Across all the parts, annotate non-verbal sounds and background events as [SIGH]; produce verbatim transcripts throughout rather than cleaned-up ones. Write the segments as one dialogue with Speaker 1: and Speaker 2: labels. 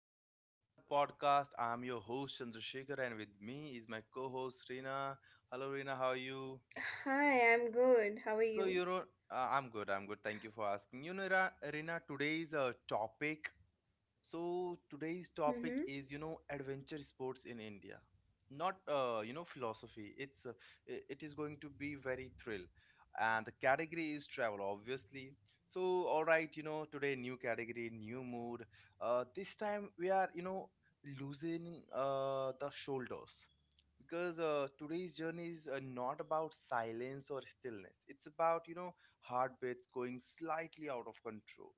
Speaker 1: back to another podcast. I'm your host Chandrasekhar, and with me is my co-host Reena. Hello Reena, how are you?
Speaker 2: Hi, I'm good. How are
Speaker 1: So
Speaker 2: you?
Speaker 1: you know, uh, I'm good. I'm good. Thank you for asking. You know, Ra- Reena, today's uh, topic. So today's
Speaker 2: Mm-hmm.
Speaker 1: topic is, you know, adventure sports in India. Not, uh, you know, philosophy. It's uh, i- it is going to be very thrill, and the category is travel, obviously. So all right, you know, today new category, new mood. Uh, this time we are, you know, losing uh the shoulders because uh, today's journey is uh, not about silence or stillness. It's about, you know, heartbeats going slightly out of control.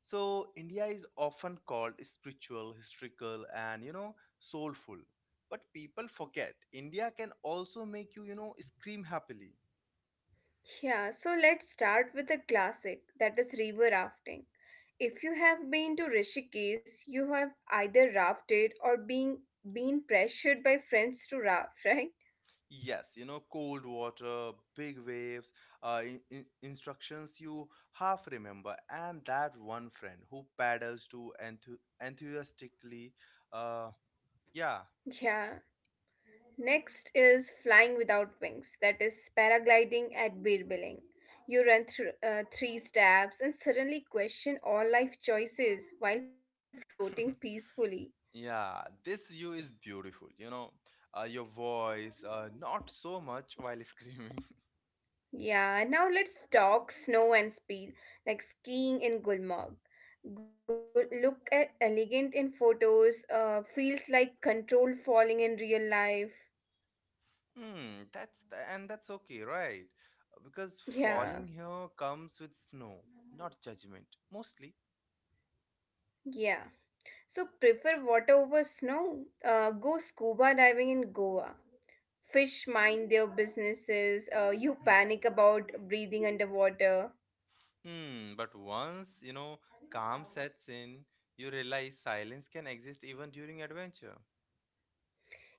Speaker 1: So India is often called spiritual, historical, and you know, soulful. But people forget India can also make you, you know, scream happily.
Speaker 2: Yeah, so let's start with a classic that is river rafting. If you have been to Rishikesh, you have either rafted or being been pressured by friends to raft, [LAUGHS] right?
Speaker 1: Yes, you know, cold water, big waves, uh, in- in- instructions you half remember, and that one friend who paddles to enthu- enthusiastically. Uh, yeah.
Speaker 2: Yeah. Next is flying without wings, that is paragliding at Birbiling. You run through uh, three steps and suddenly question all life choices while floating
Speaker 1: [LAUGHS]
Speaker 2: peacefully.
Speaker 1: Yeah, this view is beautiful, you know, uh, your voice, uh, not so much while [LAUGHS] screaming.
Speaker 2: Yeah, now let's talk snow and speed, like skiing in Gulmarg. Good, look at elegant in photos, uh, feels like controlled falling in real life. [LAUGHS]
Speaker 1: Hmm, that's the, and that's okay, right? Because
Speaker 2: Yeah,
Speaker 1: falling here comes with snow, not judgment, mostly.
Speaker 2: yeah. So prefer water over snow? Uh, go scuba diving in Goa. Fish mind their businesses. Uh, you
Speaker 1: Mhm.
Speaker 2: panic about breathing underwater.
Speaker 1: Hmm, but once, you know, calm sets in, you realize silence can exist even during adventure.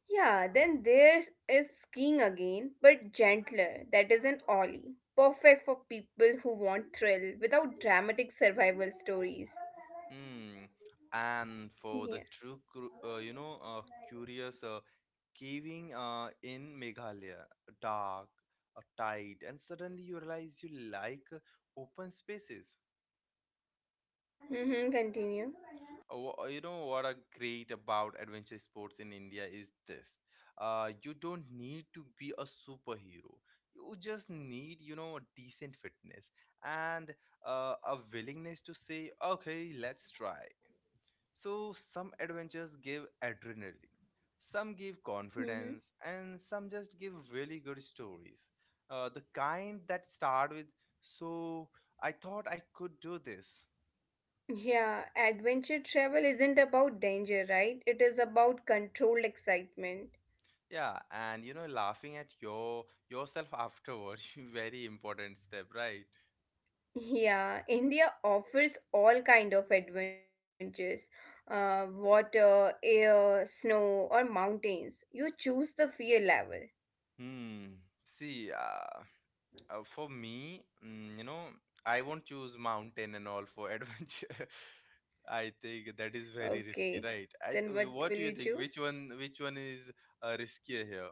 Speaker 2: Yeah, then there is skiing again, but gentler. That is an ollie. Perfect for people who want thrill without dramatic survival stories.
Speaker 1: Hmm, and for
Speaker 2: Yeah.
Speaker 1: the true, cru- uh, you know, uh, curious, uh, caving uh, in Meghalaya, dark, uh, tight, and suddenly you realize you like uh, open spaces.
Speaker 2: Mm-hmm, continue.
Speaker 1: Oh, you know what are great about adventure sports in India is this. Uh, you don't need to be a superhero. You just need, you know, decent fitness and uh, a willingness to say, okay, let's try. So some adventures give adrenaline, some give
Speaker 2: Mm-hmm.
Speaker 1: confidence, and some just give really good stories. Uh, the kind that start with, so I thought I could do this.
Speaker 2: Yeah, adventure travel isn't about danger, right? It is about controlled excitement.
Speaker 1: Yeah, and you know, laughing at your yourself afterward, [LAUGHS] very important step, right?
Speaker 2: Yeah, India offers all kind of adventures. Uh, water, air, snow, or mountains. You choose the fear level.
Speaker 1: Hmm. See, uh, uh, for me, mm, you know, I won't choose mountain and all for [LAUGHS] adventure. I think that is very
Speaker 2: Okay,
Speaker 1: risky, right?
Speaker 2: then
Speaker 1: I,
Speaker 2: what will you
Speaker 1: what do you think?
Speaker 2: choose?
Speaker 1: Which one, which one is uh, riskier here?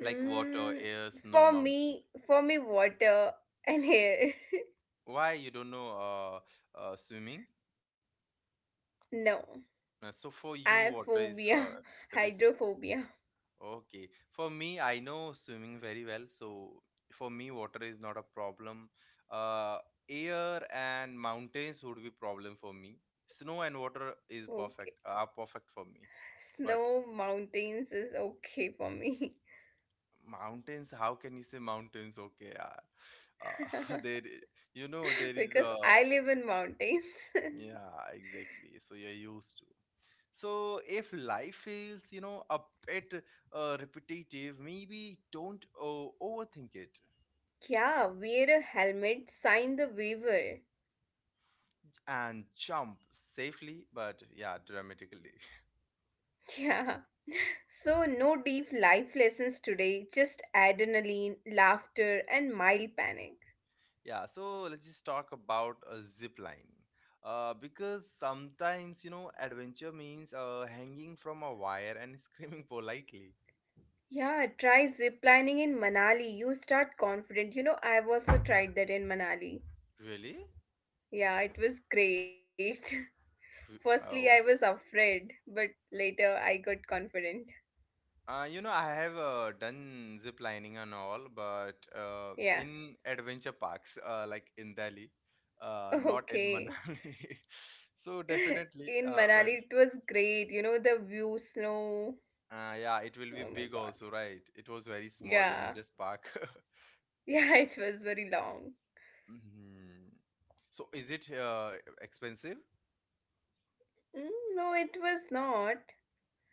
Speaker 1: Like water, air, snow,
Speaker 2: for
Speaker 1: mountain.
Speaker 2: me, for me, water and air. [LAUGHS]
Speaker 1: Why you don't know uh, uh, swimming?
Speaker 2: No,
Speaker 1: Uh, so for
Speaker 2: I
Speaker 1: you,
Speaker 2: have
Speaker 1: water is
Speaker 2: phobia,
Speaker 1: uh,
Speaker 2: [LAUGHS]
Speaker 1: risky.
Speaker 2: hydrophobia.
Speaker 1: Okay. For me, I know swimming very well, so for me, water is not a problem. Uh, air and mountains would be problem for me. Snow and water
Speaker 2: Okay,
Speaker 1: is perfect, are perfect for me.
Speaker 2: snow
Speaker 1: But
Speaker 2: mountains is okay for me
Speaker 1: mountains, how can you say mountains? Okay, yeah. Uh, [LAUGHS] there, you know, there
Speaker 2: [LAUGHS]
Speaker 1: is
Speaker 2: because
Speaker 1: a
Speaker 2: I live in mountains. [LAUGHS]
Speaker 1: yeah, exactly. So you're used to. So if life feels, you know, a bit uh, repetitive, maybe don't uh, overthink it
Speaker 2: Yeah, wear a helmet, sign the waiver.
Speaker 1: and jump safely, but yeah, dramatically.
Speaker 2: [LAUGHS] Yeah, so no deep life lessons today, just adrenaline, laughter, and mild panic.
Speaker 1: [LAUGHS] Yeah, so let's just talk about a zip line, uh, because sometimes, you know, adventure means uh, hanging from a wire and screaming [LAUGHS] politely.
Speaker 2: Yeah, try zip lining in Manali. You start confident. You know, I've also tried that in Manali.
Speaker 1: Really?
Speaker 2: Yeah, it was great.
Speaker 1: Re-
Speaker 2: [LAUGHS] Firstly,
Speaker 1: oh,
Speaker 2: I was afraid, but later I got confident.
Speaker 1: uh, you know, I have uh, done zip lining and all, but uh,
Speaker 2: Yeah,
Speaker 1: in adventure parks, uh, like in Delhi, uh, not
Speaker 2: [LAUGHS]
Speaker 1: in
Speaker 2: okay.
Speaker 1: Manali. [LAUGHS] So
Speaker 2: [LAUGHS]
Speaker 1: definitely,
Speaker 2: In
Speaker 1: uh.
Speaker 2: Manali, it was great. You know, the view, snow.
Speaker 1: Uh, yeah, it will be
Speaker 2: Oh my
Speaker 1: big
Speaker 2: god.
Speaker 1: also, right? It was very small, in
Speaker 2: Yeah,
Speaker 1: just park.
Speaker 2: [LAUGHS] yeah, it was very long.
Speaker 1: [LAUGHS] Hmm. So is it uh, expensive?
Speaker 2: Mm, no, it was not.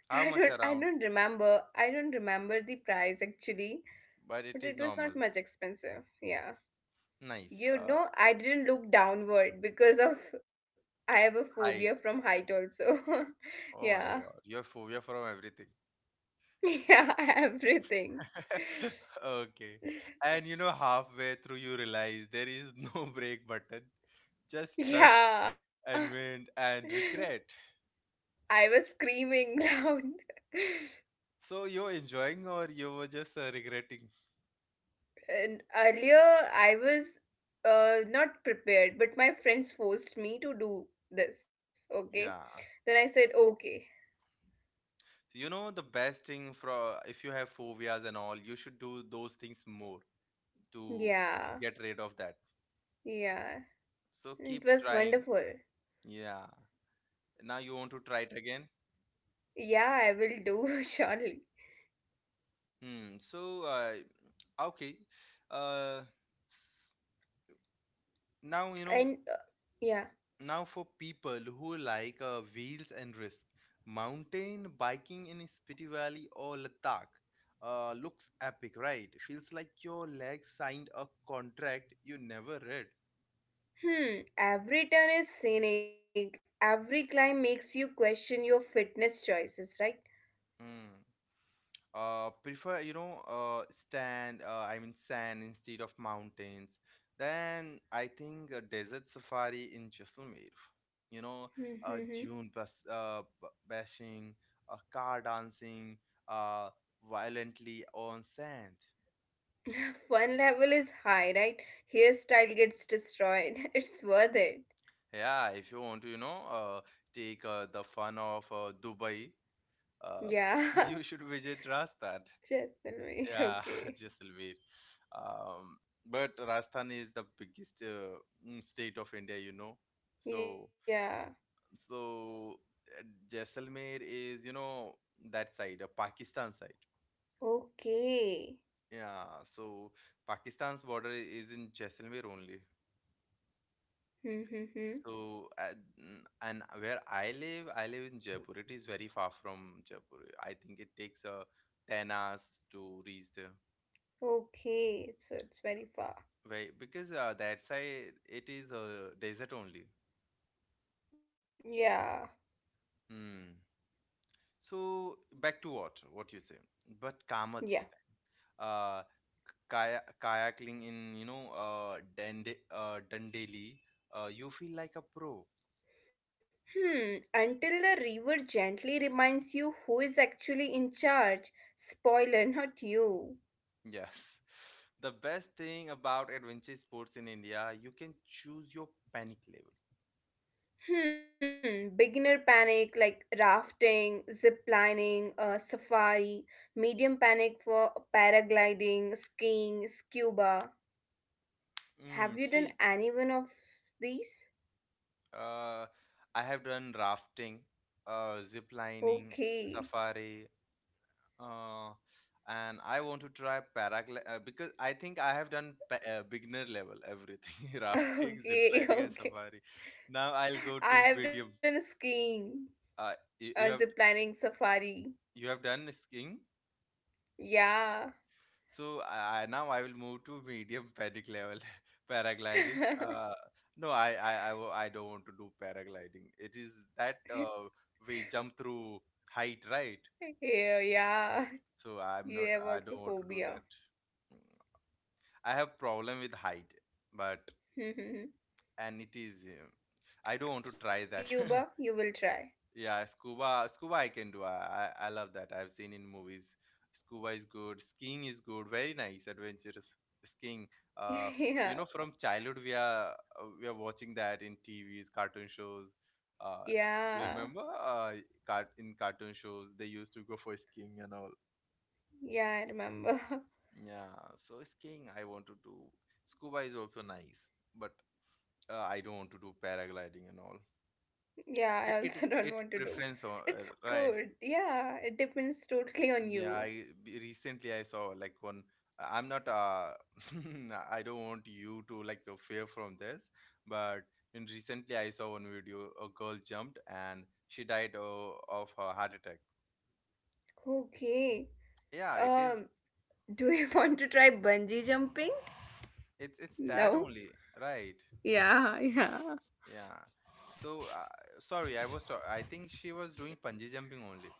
Speaker 1: How
Speaker 2: I
Speaker 1: much
Speaker 2: don't, I
Speaker 1: around?
Speaker 2: don't remember. I don't remember the price actually,
Speaker 1: But it
Speaker 2: but it
Speaker 1: is
Speaker 2: was not
Speaker 1: normal.
Speaker 2: much expensive. Yeah.
Speaker 1: Nice.
Speaker 2: You
Speaker 1: Uh,
Speaker 2: know, I didn't look downward because of [LAUGHS] I have a phobia from
Speaker 1: height.
Speaker 2: height also. [LAUGHS]
Speaker 1: Oh
Speaker 2: Yeah.
Speaker 1: my God, you're phobia from everything.
Speaker 2: [LAUGHS] Yeah, everything.
Speaker 1: [LAUGHS] Okay. And you know, halfway through you realize there is no [LAUGHS] break button. Just trust
Speaker 2: Yeah.
Speaker 1: and wind
Speaker 2: [LAUGHS]
Speaker 1: and regret.
Speaker 2: I was screaming [LAUGHS] loud.
Speaker 1: So you're enjoying, or you were just uh, regretting?
Speaker 2: And earlier I was uh, not prepared, but my friends forced me to do this, okay?
Speaker 1: Yeah.
Speaker 2: Then I said, okay.
Speaker 1: You know the best thing for if you have phobias and all, you should do those things more to get
Speaker 2: Yeah.
Speaker 1: rid of that.
Speaker 2: Yeah.
Speaker 1: So keep
Speaker 2: It
Speaker 1: trying.
Speaker 2: was wonderful.
Speaker 1: Yeah. Now you want to try it again?
Speaker 2: Yeah, I will do [LAUGHS] surely.
Speaker 1: Hmm. So uh, okay. Uh, s- now you know.
Speaker 2: And uh, Yeah.
Speaker 1: Now for people who like uh, wheels and risk, mountain biking in Spiti Valley or Ladakh uh, looks epic, right? Feels like your legs signed a contract you never read.
Speaker 2: Hmm, every turn is scenic. Every climb makes you question your fitness choices, right?
Speaker 1: Hmm. uh prefer, you know uh stand uh, I mean sand instead of mountains, then I think a desert safari in Jaisalmer, you know,
Speaker 2: Hmm.
Speaker 1: uh dune bas- uh, b- bashing, uh, car dancing uh violently on sand.
Speaker 2: [LAUGHS] Fun level is high, right? Hairstyle gets destroyed. [LAUGHS] It's worth it.
Speaker 1: Yeah, if you want to, you know, uh take uh, the fun of uh, Dubai, uh, [LAUGHS]
Speaker 2: Yeah,
Speaker 1: you
Speaker 2: [LAUGHS]
Speaker 1: should visit rastad
Speaker 2: Jaisalmer.
Speaker 1: Yeah, [LAUGHS]
Speaker 2: Okay.
Speaker 1: Jaisalmer. Um, but Rajasthan is the biggest uh, mm, state of India, you know. So,
Speaker 2: Yeah.
Speaker 1: so uh, Jaisalmer is, you know, that side, uh, Pakistan side.
Speaker 2: Okay.
Speaker 1: Yeah, so Pakistan's border is in Jaisalmer only.
Speaker 2: Hmm.
Speaker 1: So, uh, mm, and where I live, I live in Jaipur. It is very far from Jaipur. I think it takes uh, ten hours to reach there.
Speaker 2: Okay. So it's very far.
Speaker 1: Right, because uh, that side it is uh, desert only.
Speaker 2: Yeah.
Speaker 1: Hmm. So back to water, what you say, but calmer this
Speaker 2: Yeah.
Speaker 1: time. Uh, kaya- kayaking in, you know uh, Dande- uh Dandeli, uh, you feel like a pro.
Speaker 2: Hmm. Until the river gently reminds you who is actually in charge. Spoiler, [LAUGHS] not you.
Speaker 1: Yes. [LAUGHS] The best thing about adventure sports in India, you can choose your panic level.
Speaker 2: Hmm, beginner panic like rafting, zip lining, uh, safari, medium panic for paragliding, skiing, scuba. Have
Speaker 1: Mm,
Speaker 2: you done
Speaker 1: see,
Speaker 2: any one of these?
Speaker 1: uh, I have done rafting, uh, zip lining,
Speaker 2: Okay,
Speaker 1: safari, uh, and I want to try paragliding, uh, because I think I have done pa- uh, beginner level everything, [LAUGHS]
Speaker 2: [LAUGHS]
Speaker 1: rafting,
Speaker 2: okay,
Speaker 1: ziplining, and
Speaker 2: okay.
Speaker 1: safari. Now I'll go
Speaker 2: I
Speaker 1: to
Speaker 2: have done
Speaker 1: medium.
Speaker 2: skiing,
Speaker 1: Uh,
Speaker 2: uh,
Speaker 1: you,
Speaker 2: zip
Speaker 1: you have,
Speaker 2: lining, safari.
Speaker 1: you have done skiing,
Speaker 2: Yeah.
Speaker 1: so I, I- now I will move to medium panic level, [LAUGHS] paragliding.
Speaker 2: [LAUGHS]
Speaker 1: Uh, no, I I I, wo- I don't want to do paragliding. It is that uh, we jump through height, right?
Speaker 2: Yeah, yeah.
Speaker 1: So I'm
Speaker 2: You
Speaker 1: not.
Speaker 2: have
Speaker 1: I
Speaker 2: also
Speaker 1: don't want to do
Speaker 2: phobia.
Speaker 1: that. Mm. I have problem with height, but
Speaker 2: [LAUGHS]
Speaker 1: and it is uh, I don't want to try that.
Speaker 2: Scuba, you will try.
Speaker 1: [LAUGHS] Yeah, scuba, scuba I can do. I, I I love that, I've seen in movies. Scuba is good, skiing is good, very nice adventurous. Skiing,
Speaker 2: [LAUGHS]
Speaker 1: uh
Speaker 2: Yeah,
Speaker 1: you know, from childhood we are, uh, we are watching that in TVs, cartoon shows. uh
Speaker 2: yeah.
Speaker 1: you remember, uh cart- in cartoon shows they used to go for skiing and all.
Speaker 2: Yeah, I remember. [LAUGHS]
Speaker 1: Yeah, so skiing I want to do. Scuba is also nice, but uh, I don't want to do paragliding and all.
Speaker 2: Yeah,
Speaker 1: It
Speaker 2: I
Speaker 1: it
Speaker 2: also [LAUGHS] don't
Speaker 1: it
Speaker 2: want to do.
Speaker 1: preference on, uh,
Speaker 2: It's
Speaker 1: right.
Speaker 2: good. Yeah, it depends totally on
Speaker 1: Yeah,
Speaker 2: you.
Speaker 1: I b- recently I saw like one. I'm not. Uh, [LAUGHS] I don't want you to like uh, fear from this, but in recently I saw one video. A girl jumped and she died uh, of her heart attack.
Speaker 2: Okay.
Speaker 1: Yeah, it is.
Speaker 2: Um, do you [LAUGHS] want to try bungee jumping?
Speaker 1: It's it's that
Speaker 2: No.
Speaker 1: only, right?
Speaker 2: Yeah, [LAUGHS] yeah.
Speaker 1: Yeah. So uh, sorry, I was. Ta- I think she was doing bungee jumping only.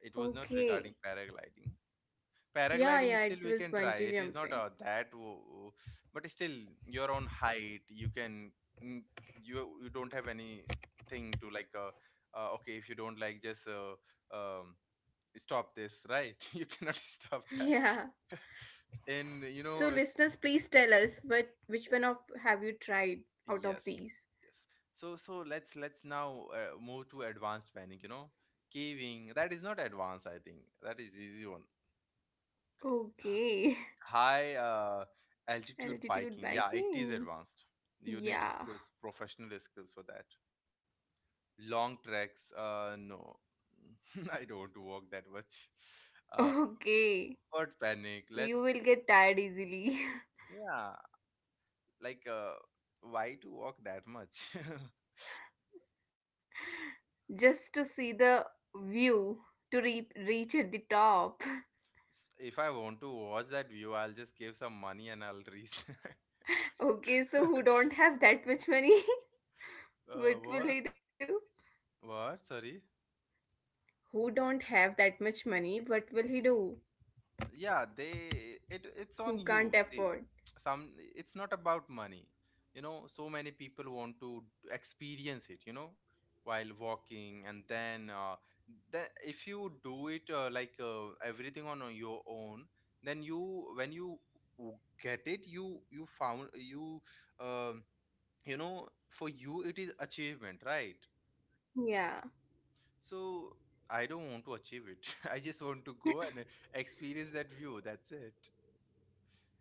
Speaker 1: It was not regarding
Speaker 2: Okay.
Speaker 1: paragliding.
Speaker 2: Yeah,
Speaker 1: Paragliding
Speaker 2: yeah,
Speaker 1: still
Speaker 2: it
Speaker 1: we
Speaker 2: was
Speaker 1: can try,
Speaker 2: bungee
Speaker 1: it is not
Speaker 2: jumping.
Speaker 1: uh, that wo- but still your own height you can, mm, you you don't have anything to like, uh, uh okay, if you don't like, just uh, um stop this, right? [LAUGHS] You cannot stop
Speaker 2: [LAUGHS] Yeah.
Speaker 1: that. [LAUGHS] And you know
Speaker 2: So
Speaker 1: it's.
Speaker 2: listeners, please tell us what which one of have you tried out
Speaker 1: Yes,
Speaker 2: of these?
Speaker 1: yes. So so let's, let's now uh, move to advanced planning, you know. Caving, that is not advanced, I think that is easy one.
Speaker 2: Okay.
Speaker 1: High uh, altitude
Speaker 2: [LAUGHS]
Speaker 1: biking. Yeah,
Speaker 2: Altitude
Speaker 1: it is
Speaker 2: biking.
Speaker 1: advanced. You need skills,
Speaker 2: Yeah.
Speaker 1: professional skills for that. Long treks. Uh, no, [LAUGHS] I don't walk that much.
Speaker 2: [LAUGHS]
Speaker 1: [LAUGHS]
Speaker 2: Okay.
Speaker 1: But panic. Let
Speaker 2: You will get tired easily.
Speaker 1: yeah, like uh, why to walk that much? [LAUGHS]
Speaker 2: [LAUGHS] Just to see the view, to re- reach at the top.
Speaker 1: S- if I want to watch that view, I'll just give some money and I'll reach.
Speaker 2: [LAUGHS] Okay,
Speaker 1: [LAUGHS]
Speaker 2: so who
Speaker 1: Uh,
Speaker 2: don't have that much money? [LAUGHS] What will
Speaker 1: what?
Speaker 2: he do,
Speaker 1: What? Sorry.
Speaker 2: who don't have that much money, what will he do,
Speaker 1: Yeah, they, it, it's on
Speaker 2: who can't
Speaker 1: you, see.
Speaker 2: afford?
Speaker 1: Some, it's not about money, you know. So many people want to experience it, you know, while walking. And then uh, then if you do it, uh, like, uh, everything on uh, your own, then you when you w- get it, you you found you um, you know, for you it is achievement, right?
Speaker 2: Yeah,
Speaker 1: So I don't want to achieve it. [LAUGHS] I just want to go and experience that view, that's it.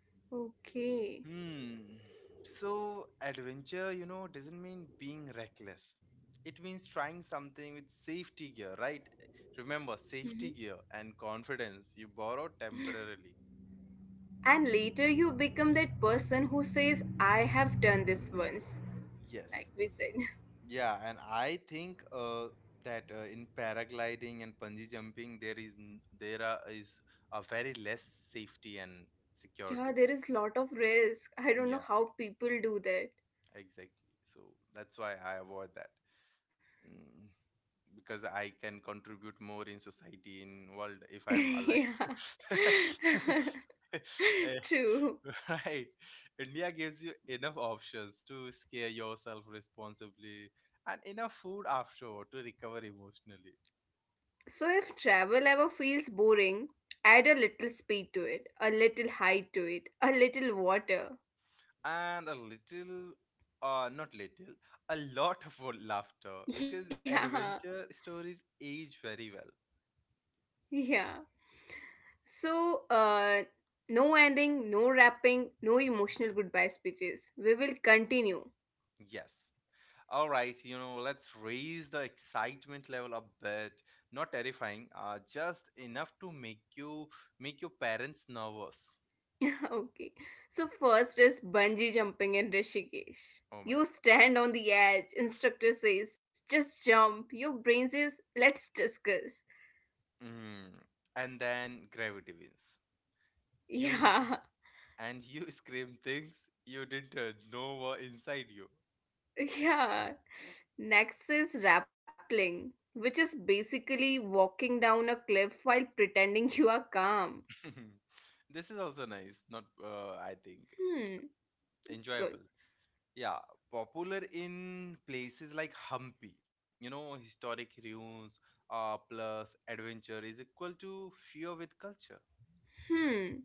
Speaker 2: okay.
Speaker 1: Hmm. So adventure, you know, doesn't mean being reckless. It means trying something with safety gear, right? Remember,
Speaker 2: Mhm.
Speaker 1: safety gear and confidence you borrow temporarily.
Speaker 2: And later you become that person who says I have done this once, like
Speaker 1: Yes.
Speaker 2: we said.
Speaker 1: Yeah, and I think uh, that uh, in paragliding and bungee jumping there is n- there are, is a very less safety and
Speaker 2: [LAUGHS] Yeah, there
Speaker 1: security.
Speaker 2: is lot of risk, I don't know
Speaker 1: Yeah,
Speaker 2: how people do that.
Speaker 1: exactly. So that's why I avoid that. Mm, because I can contribute more in society, in world,
Speaker 2: [LAUGHS]
Speaker 1: if I'm alive.
Speaker 2: Yeah.
Speaker 1: [LAUGHS]
Speaker 2: [LAUGHS]
Speaker 1: Eh,
Speaker 2: True.
Speaker 1: [LAUGHS] right. India gives you enough options to scare yourself responsibly and enough food after to recover emotionally.
Speaker 2: So if travel ever feels boring, add a little speed to it, a little height to it, a little water.
Speaker 1: And a little, uh not little, a lot of laughter,
Speaker 2: [LAUGHS]
Speaker 1: because
Speaker 2: Yeah.
Speaker 1: adventure stories age very well.
Speaker 2: Yeah. So, uh, no ending, no wrapping, no emotional goodbye speeches. We will continue.
Speaker 1: Yes. All right, you know, let's raise the excitement level a bit. Not terrifying, uh, just enough to make you make your parents nervous.
Speaker 2: [LAUGHS] Okay. So first is bungee jumping in Rishikesh.
Speaker 1: Oh my
Speaker 2: You stand on the edge, instructor says, just jump. Your brain says, let's discuss.
Speaker 1: God. Mm. And then gravity wins. You,
Speaker 2: Yeah,
Speaker 1: and you [LAUGHS] scream things you didn't uh, know were inside you.
Speaker 2: [LAUGHS] yeah. Next is rappelling, which is basically walking down a cliff while pretending you are calm.
Speaker 1: [LAUGHS] This is also nice, not uh, I think
Speaker 2: Hmm, it's good.
Speaker 1: enjoyable. Yeah, popular in places like Hampi. You know, historic ruins uh, plus adventure is equal to fear with culture.
Speaker 2: Hmm.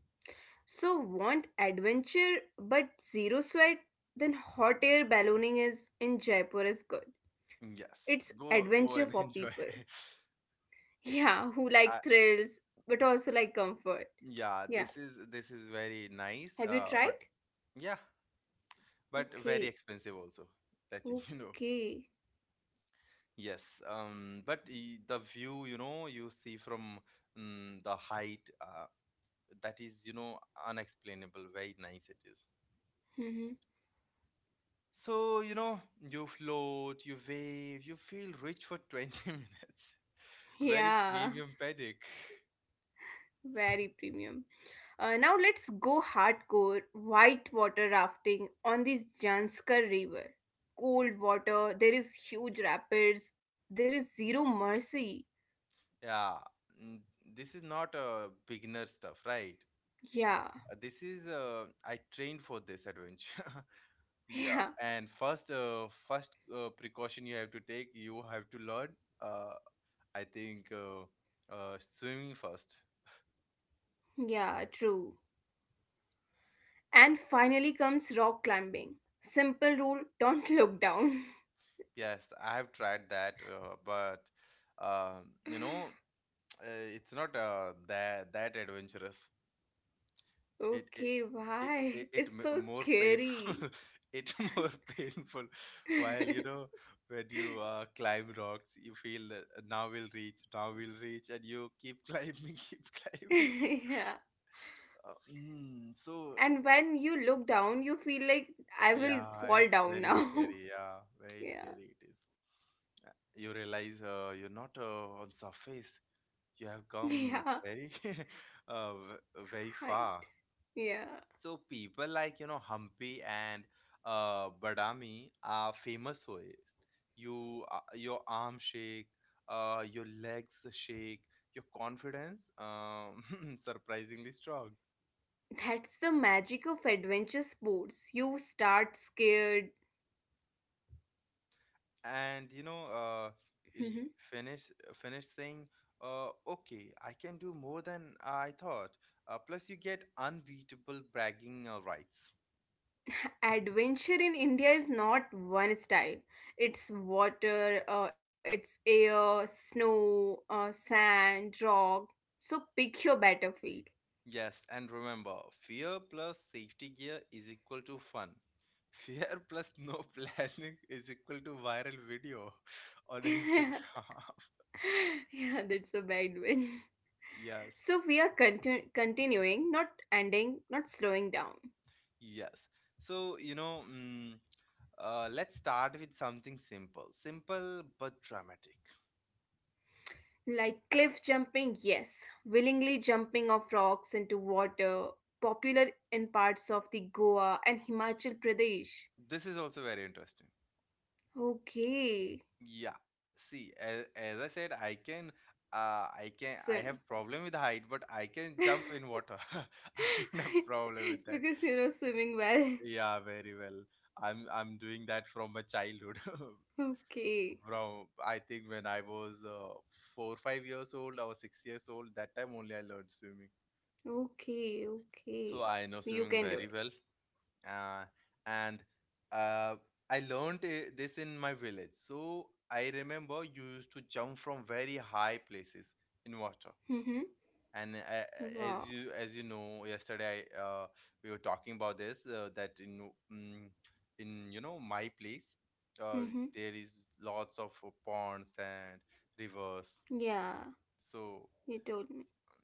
Speaker 2: So want adventure but zero sweat? Then hot air ballooning is in Jaipur is good.
Speaker 1: Mm, yes,
Speaker 2: It's
Speaker 1: go go
Speaker 2: adventure
Speaker 1: and [LAUGHS]
Speaker 2: for
Speaker 1: enjoy.
Speaker 2: people. [LAUGHS] Yeah, who
Speaker 1: uh,
Speaker 2: like thrills but also like comfort.
Speaker 1: yeah,
Speaker 2: Yeah.
Speaker 1: this is this is very nice.
Speaker 2: Have you
Speaker 1: Uh,
Speaker 2: tried?
Speaker 1: but yeah, but very
Speaker 2: Okay.
Speaker 1: expensive also. Letting [LAUGHS] you know.
Speaker 2: Okay.
Speaker 1: Yes. Um. But i- the view, you know, you see from mm the height, uh, that is, you know, unexplainable. Very nice it is.
Speaker 2: Mhm.
Speaker 1: So, you know, you float, you wave, you feel rich for twenty [LAUGHS] minutes.
Speaker 2: [LAUGHS]
Speaker 1: Very
Speaker 2: Yeah.
Speaker 1: premium pedic.
Speaker 2: Very premium. Uh, now let's go hardcore whitewater rafting on this Janskar River. Cold water, there is huge rapids, there is zero mercy.
Speaker 1: Yeah, mm, this is not a beginner stuff, right?
Speaker 2: Yeah,
Speaker 1: Uh, This is uh, I trained for this adventure. [LAUGHS] Yeah,
Speaker 2: [LAUGHS] yeah,
Speaker 1: and first, uh, first uh, precaution you have to take, you have to learn. Uh, I think uh, uh, Swimming first.
Speaker 2: yeah, true. And finally comes rock climbing. Simple rule, don't [LAUGHS] look down.
Speaker 1: Yes, I have tried that, uh, but um, you
Speaker 2: [LAUGHS]
Speaker 1: know, Uh, it's not uh, that that adventurous. It it
Speaker 2: Okay,
Speaker 1: it, it,
Speaker 2: why? [LAUGHS]
Speaker 1: it
Speaker 2: It's
Speaker 1: m-
Speaker 2: so
Speaker 1: more painful.
Speaker 2: scary.
Speaker 1: [LAUGHS] It more painful. While you
Speaker 2: [LAUGHS]
Speaker 1: know when you uh, climb rocks, you feel uh, now we'll reach, now we'll reach, and you keep climbing, [LAUGHS] keep climbing.
Speaker 2: Yeah.
Speaker 1: Uh, mm, so
Speaker 2: And when you look down, you feel like I will
Speaker 1: yeah,
Speaker 2: fall
Speaker 1: it's
Speaker 2: down
Speaker 1: very
Speaker 2: now.
Speaker 1: scary. Yeah,
Speaker 2: [LAUGHS]
Speaker 1: very
Speaker 2: Yeah.
Speaker 1: scary it is. Uh, You realize uh, you're not uh, on surface. You have come
Speaker 2: Yeah.
Speaker 1: very, [LAUGHS] uh, v- very
Speaker 2: Hi.
Speaker 1: far.
Speaker 2: Yeah.
Speaker 1: So people like you know Hampi and uh, Badami are famous for it. You uh, your arm shake, uh, your legs shake, your confidence um, [LAUGHS] surprisingly strong.
Speaker 2: That's the magic of adventure sports. You start scared.
Speaker 1: And you know uh,
Speaker 2: Mhm.
Speaker 1: y- finish finish saying uh, okay, I can do more than I thought. Uh, plus you get unbeatable bragging uh, rights.
Speaker 2: Adventure in India is not one style. It's water, uh, it's air, snow, uh, sand, rock. So pick your battlefield.
Speaker 1: Yes, and remember, fear plus safety gear is equal to fun. Fear plus no [LAUGHS] planning is equal to viral video [LAUGHS] on
Speaker 2: [LAUGHS] Yeah,
Speaker 1: Instagram. [LAUGHS]
Speaker 2: that's a bad one.
Speaker 1: Yes,
Speaker 2: So we are continu- continuing, not ending, not slowing down.
Speaker 1: yes. So, you know, mm, uh, let's start with something simple. Simple but dramatic.
Speaker 2: Like cliff jumping, yes, willingly jumping off rocks into water, popular in parts of the Goa and Himachal Pradesh.
Speaker 1: This is also very interesting.
Speaker 2: Okay,
Speaker 1: Yeah. See, as, as I said, I can, uh, I can,
Speaker 2: swim.
Speaker 1: I have problem with height, but I can jump
Speaker 2: [LAUGHS]
Speaker 1: in water. [LAUGHS] I don't have problem with that.
Speaker 2: Because you know swimming well.
Speaker 1: Yeah, very well. I'm I'm doing that from my childhood. [LAUGHS]
Speaker 2: Okay,
Speaker 1: From I think when I was uh, four, five years old, I was six years old. That time only I learned swimming.
Speaker 2: okay,
Speaker 1: So
Speaker 2: okay.
Speaker 1: I know
Speaker 2: You
Speaker 1: swimming
Speaker 2: can do
Speaker 1: very
Speaker 2: it.
Speaker 1: well. Uh, and uh, I learned uh, this in my village. So I remember you used to jump from very high places in water.
Speaker 2: Mm-hmm.
Speaker 1: And uh, uh, As
Speaker 2: Wow.
Speaker 1: you as you know, yesterday I, uh, we were talking about this uh, that in mm in you know my place uh,
Speaker 2: Mm-hmm.
Speaker 1: there is lots of uh, ponds and rivers,
Speaker 2: Yeah. You
Speaker 1: so
Speaker 2: told me.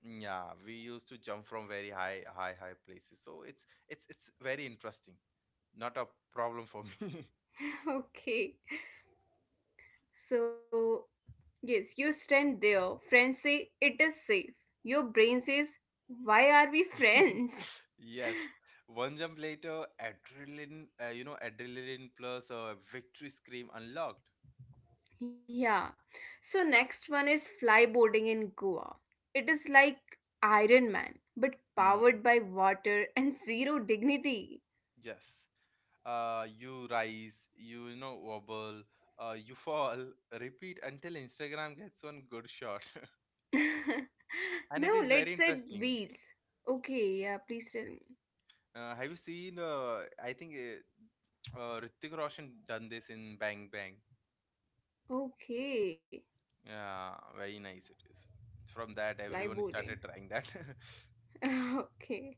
Speaker 1: mm, yeah, we used to jump from very high high high places, so it's it's it's very interesting, not a problem for me.
Speaker 2: [LAUGHS] Okay. So, yes, you stand there. Friends say it is safe. Your brain says, why are we
Speaker 1: [LAUGHS]
Speaker 2: friends? [LAUGHS]
Speaker 1: Yes, one jump later, adrenaline, uh, you know, adrenaline plus a victory scream unlocked.
Speaker 2: Yeah. So, next one is flyboarding in Goa. It is like Iron Man, but
Speaker 1: Mm.
Speaker 2: powered by water [LAUGHS] and zero dignity.
Speaker 1: Yes. Uh, you rise, you, you know, wobble, uh, you fall, repeat until Instagram gets one good shot. [LAUGHS]
Speaker 2: [LAUGHS]
Speaker 1: And it
Speaker 2: Now,
Speaker 1: is very
Speaker 2: let's add
Speaker 1: interesting.
Speaker 2: wheels. Okay, yeah, please tell me.
Speaker 1: Uh, have you seen, uh, I think uh, uh, Hrithik Roshan done this in Bang Bang.
Speaker 2: Okay,
Speaker 1: Yeah, very nice it is. From that, everyone
Speaker 2: flyboarding.
Speaker 1: started trying that. [LAUGHS]
Speaker 2: [LAUGHS] okay.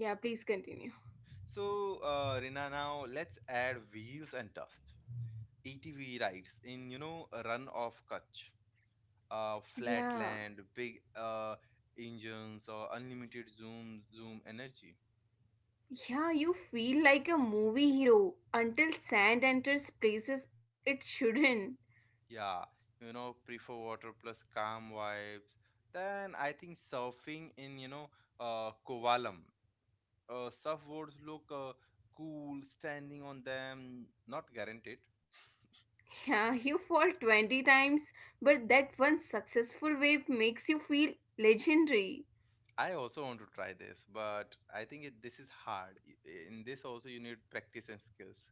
Speaker 2: Yeah, please continue.
Speaker 1: So, uh, Rina, now let's add wheels and dust. A T V rides in, you know, run of Kutch. Uh, flat
Speaker 2: Yeah.
Speaker 1: land, big uh, engines, or unlimited zoom zoom energy.
Speaker 2: Yeah, you feel like a movie hero until sand enters places it shouldn't. [LAUGHS]
Speaker 1: Yeah, you know, prefer water plus calm vibes. Then I think surfing in you know uh, Kovalam. Uh, surfboards look uh, cool, standing on them. Not guaranteed.
Speaker 2: Yeah, you fall twenty times, but that one successful wave makes you feel legendary.
Speaker 1: I also want to try this, but I think it, this is hard. I- In this also you need practice and skills.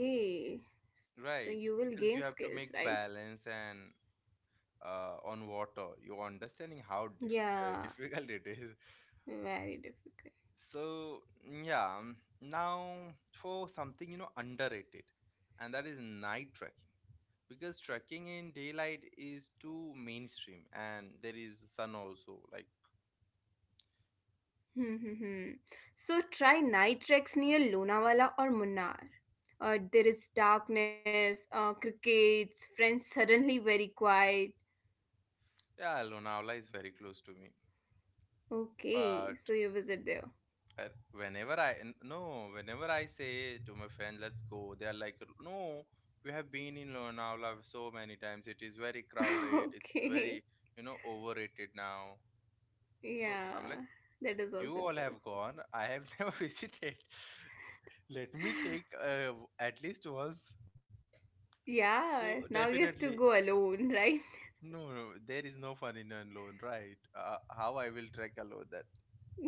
Speaker 2: Okay, so
Speaker 1: Right,
Speaker 2: you will
Speaker 1: because
Speaker 2: gain
Speaker 1: you have to
Speaker 2: skills,
Speaker 1: make
Speaker 2: right?
Speaker 1: balance and uh, on water. You're understanding how dif uh, [LAUGHS]
Speaker 2: Yeah,
Speaker 1: difficult it is.
Speaker 2: very difficult.
Speaker 1: So, yeah, um, now for something, you know, underrated, and that is night trekking. Because trekking in daylight is too mainstream, and there is sun also. Like,
Speaker 2: Hmm, hmm, hmm. So try night treks near Lonavala or Munnar. Uh, there is darkness, uh, crickets, friends suddenly very quiet.
Speaker 1: yeah, Lonavala is very close to me,
Speaker 2: Okay,
Speaker 1: but
Speaker 2: so you visit there.
Speaker 1: Uh, whenever I n- no, whenever I say to my friend, "Let's go," they are like, "No, we have been in Lonavala so many times. It is very
Speaker 2: [LAUGHS]
Speaker 1: crowded. It's very
Speaker 2: Okay.
Speaker 1: you know overrated now." So
Speaker 2: Yeah,
Speaker 1: I'm like,
Speaker 2: that is
Speaker 1: "You
Speaker 2: also
Speaker 1: all have
Speaker 2: true.
Speaker 1: gone. I have [LAUGHS] never visited. Let me take uh, at least once."
Speaker 2: Yeah,
Speaker 1: So
Speaker 2: now you have to
Speaker 1: definitely,
Speaker 2: go alone, right?
Speaker 1: no, no, there is no fun in alone, right? Uh, how I will trek alone?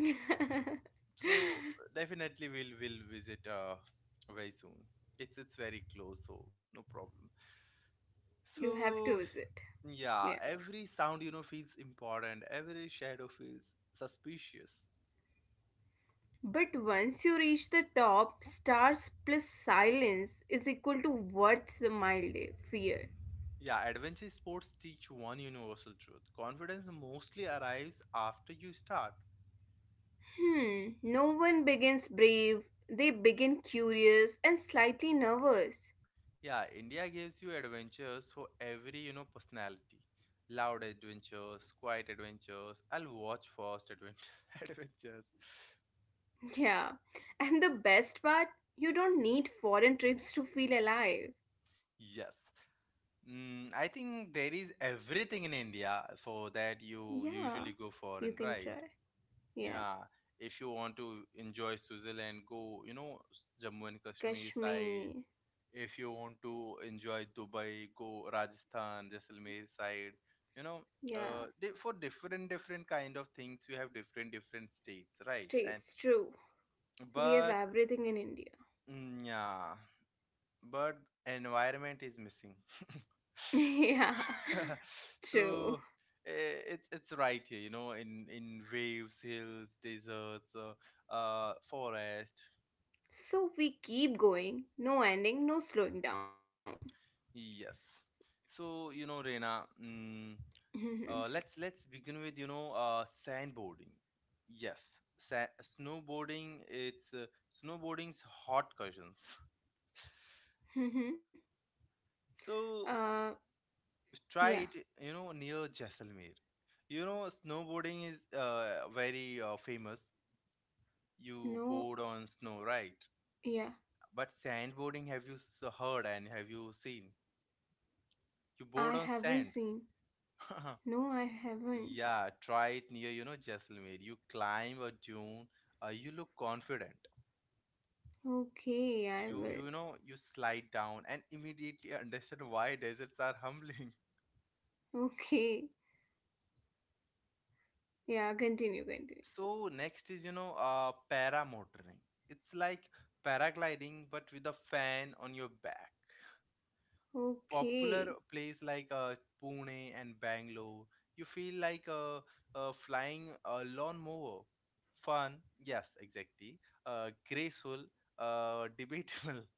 Speaker 2: [LAUGHS]
Speaker 1: So definitely we'll will visit uh very soon. It's it's very close, so no problem.
Speaker 2: You have to
Speaker 1: So
Speaker 2: visit. Yeah.
Speaker 1: yeah, every sound you know feels important. Every shadow feels suspicious.
Speaker 2: But once you reach the top, stars plus silence is equal to worth the mild fear.
Speaker 1: Yeah, adventure sports teach one universal truth. Confidence mostly arrives after you start.
Speaker 2: Hmm. No one begins brave. They begin curious and slightly nervous.
Speaker 1: Yeah, India gives you adventures for every you know personality. Loud adventures, quiet adventures. I'll watch first advent [LAUGHS] adventures.
Speaker 2: Yeah. And the best part, you don't need foreign trips to feel alive.
Speaker 1: Yes. Mm, I think there is everything in India for that you
Speaker 2: Yeah,
Speaker 1: usually go for
Speaker 2: you
Speaker 1: and
Speaker 2: can
Speaker 1: right.
Speaker 2: try. Yeah,
Speaker 1: Yeah, if you want to enjoy Switzerland, go you know s- Jammu and Kashmir side.
Speaker 2: Kashmir.
Speaker 1: If you want to enjoy Dubai, go Rajasthan, Jaisalmer side. You know,
Speaker 2: Yeah,
Speaker 1: uh, di- for different different kind of things, we have different different states, right? And
Speaker 2: states, true.
Speaker 1: yeah.
Speaker 2: We have
Speaker 1: But
Speaker 2: everything in India.
Speaker 1: mm, yeah. But environment is missing.
Speaker 2: [LAUGHS] Yeah,
Speaker 1: [LAUGHS]
Speaker 2: true.
Speaker 1: So eh, it's it's right here, you know, in in waves, hills, deserts, uh, uh forest.
Speaker 2: So we keep going, no ending, no slowing down.
Speaker 1: Yes. So you know, Reena mm,
Speaker 2: Mhm,
Speaker 1: uh, let's let's begin with you know uh sandboarding. Yes. Sa- snowboarding, it's uh, snowboarding's hot cushions. [LAUGHS]
Speaker 2: mhm.
Speaker 1: So
Speaker 2: uh, yeah,
Speaker 1: try it, you know, near Jaisalmer. You know, snowboarding is uh, very uh, famous. You
Speaker 2: no,
Speaker 1: board on snow, right?
Speaker 2: yeah,
Speaker 1: But sandboarding, have you s- heard and have you seen?
Speaker 2: I
Speaker 1: You board on
Speaker 2: haven't
Speaker 1: sand.
Speaker 2: seen.
Speaker 1: [LAUGHS]
Speaker 2: No, I haven't.
Speaker 1: Yeah, try it near, you know, Jaisalmer. You climb a dune. Uh, you look confident.
Speaker 2: Okay, I
Speaker 1: you
Speaker 2: will.
Speaker 1: you know you slide down and immediately [LAUGHS] understand why deserts are [LAUGHS] humbling.
Speaker 2: Okay, yeah, continue, continue.
Speaker 1: So next is, you know, uh, paramotoring. It's like paragliding but with a fan on your back. Okay.
Speaker 2: Okay.
Speaker 1: Popular place like uh, Pune and Bangalore. You feel like uh, uh, flying a lawnmower. Fun, yes, exactly. Uh, graceful, uh, debatable. [LAUGHS]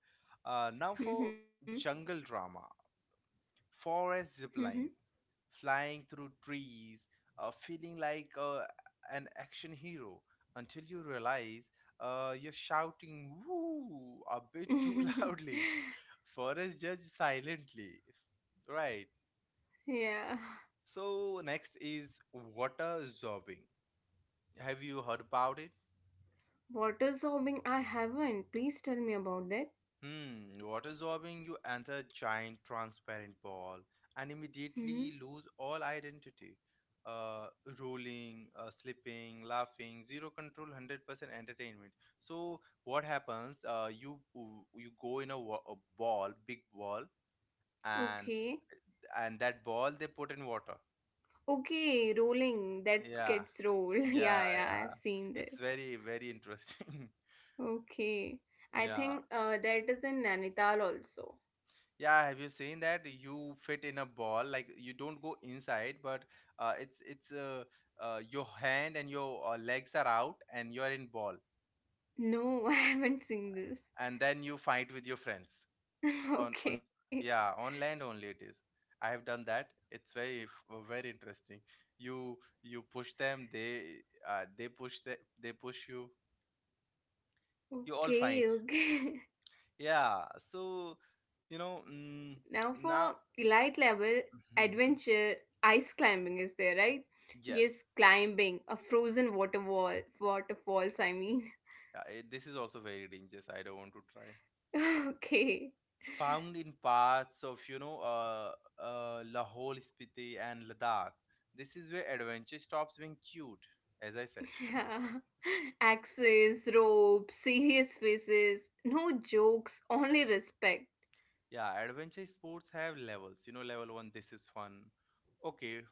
Speaker 1: Uh, now for
Speaker 2: Mhm,
Speaker 1: jungle drama, forest
Speaker 2: mhm.
Speaker 1: ziplining, flying through trees, uh, feeling like uh, an action hero until you realize uh, you're shouting woo a bit too [LAUGHS] loudly.
Speaker 2: [LAUGHS]
Speaker 1: Forest judge silently, right?
Speaker 2: Yeah.
Speaker 1: So next is water zorbing. Have you heard about it?
Speaker 2: Water sorbing, I haven't. Please tell me about that.
Speaker 1: Hmm, water sorbing, you enter a giant transparent ball and
Speaker 2: Hmm.
Speaker 1: immediately lose all identity. Uh, rolling, uh, slipping, laughing, zero control, one hundred percent entertainment. So what happens? Uh, you you go in a, wa- a ball, big ball,
Speaker 2: Okay.
Speaker 1: and and that ball they put in water.
Speaker 2: Okay, rolling. That
Speaker 1: Yeah,
Speaker 2: gets roll. [LAUGHS]
Speaker 1: yeah,
Speaker 2: Yeah, yeah, I've
Speaker 1: yeah.
Speaker 2: seen
Speaker 1: It's
Speaker 2: that.
Speaker 1: very very interesting.
Speaker 2: Okay.
Speaker 1: [LAUGHS]
Speaker 2: I
Speaker 1: Yeah.
Speaker 2: think uh, that is in Nainital also.
Speaker 1: Yeah, have you seen that? You fit in a ball, like you don't go inside, but uh, it's it's uh, uh, your hand and your uh, legs are out, and you are in ball,
Speaker 2: No, [LAUGHS] I haven't seen this.
Speaker 1: and then you fight with your friends
Speaker 2: [LAUGHS]
Speaker 1: on on s-
Speaker 2: Okay.
Speaker 1: yeah, on land only it is. I have done that. It's very f- uh, very interesting. You you push them, they uh, they push the, they push you. You all fight.
Speaker 2: Okay, okay.
Speaker 1: Yeah. So you know mm,
Speaker 2: [LAUGHS] Now
Speaker 1: now.
Speaker 2: for elite level
Speaker 1: [LAUGHS]
Speaker 2: adventure, ice climbing is there, right?
Speaker 1: Yes.
Speaker 2: Yes, climbing. A frozen water wall. Waterfalls, I mean.
Speaker 1: Yeah, eh, this is also very dangerous. I don't want to try.
Speaker 2: [LAUGHS] Okay.
Speaker 1: Found in parts of, you know, uh, uh, Lahore, Spiti, and Ladakh. This is where adventure stops being cute, as I said.
Speaker 2: Yeah. [LAUGHS] Axes, ropes, serious faces, no jokes, only respect.
Speaker 1: [LAUGHS] Yeah, adventure sports have levels. You know, level one, this is fun. Okay.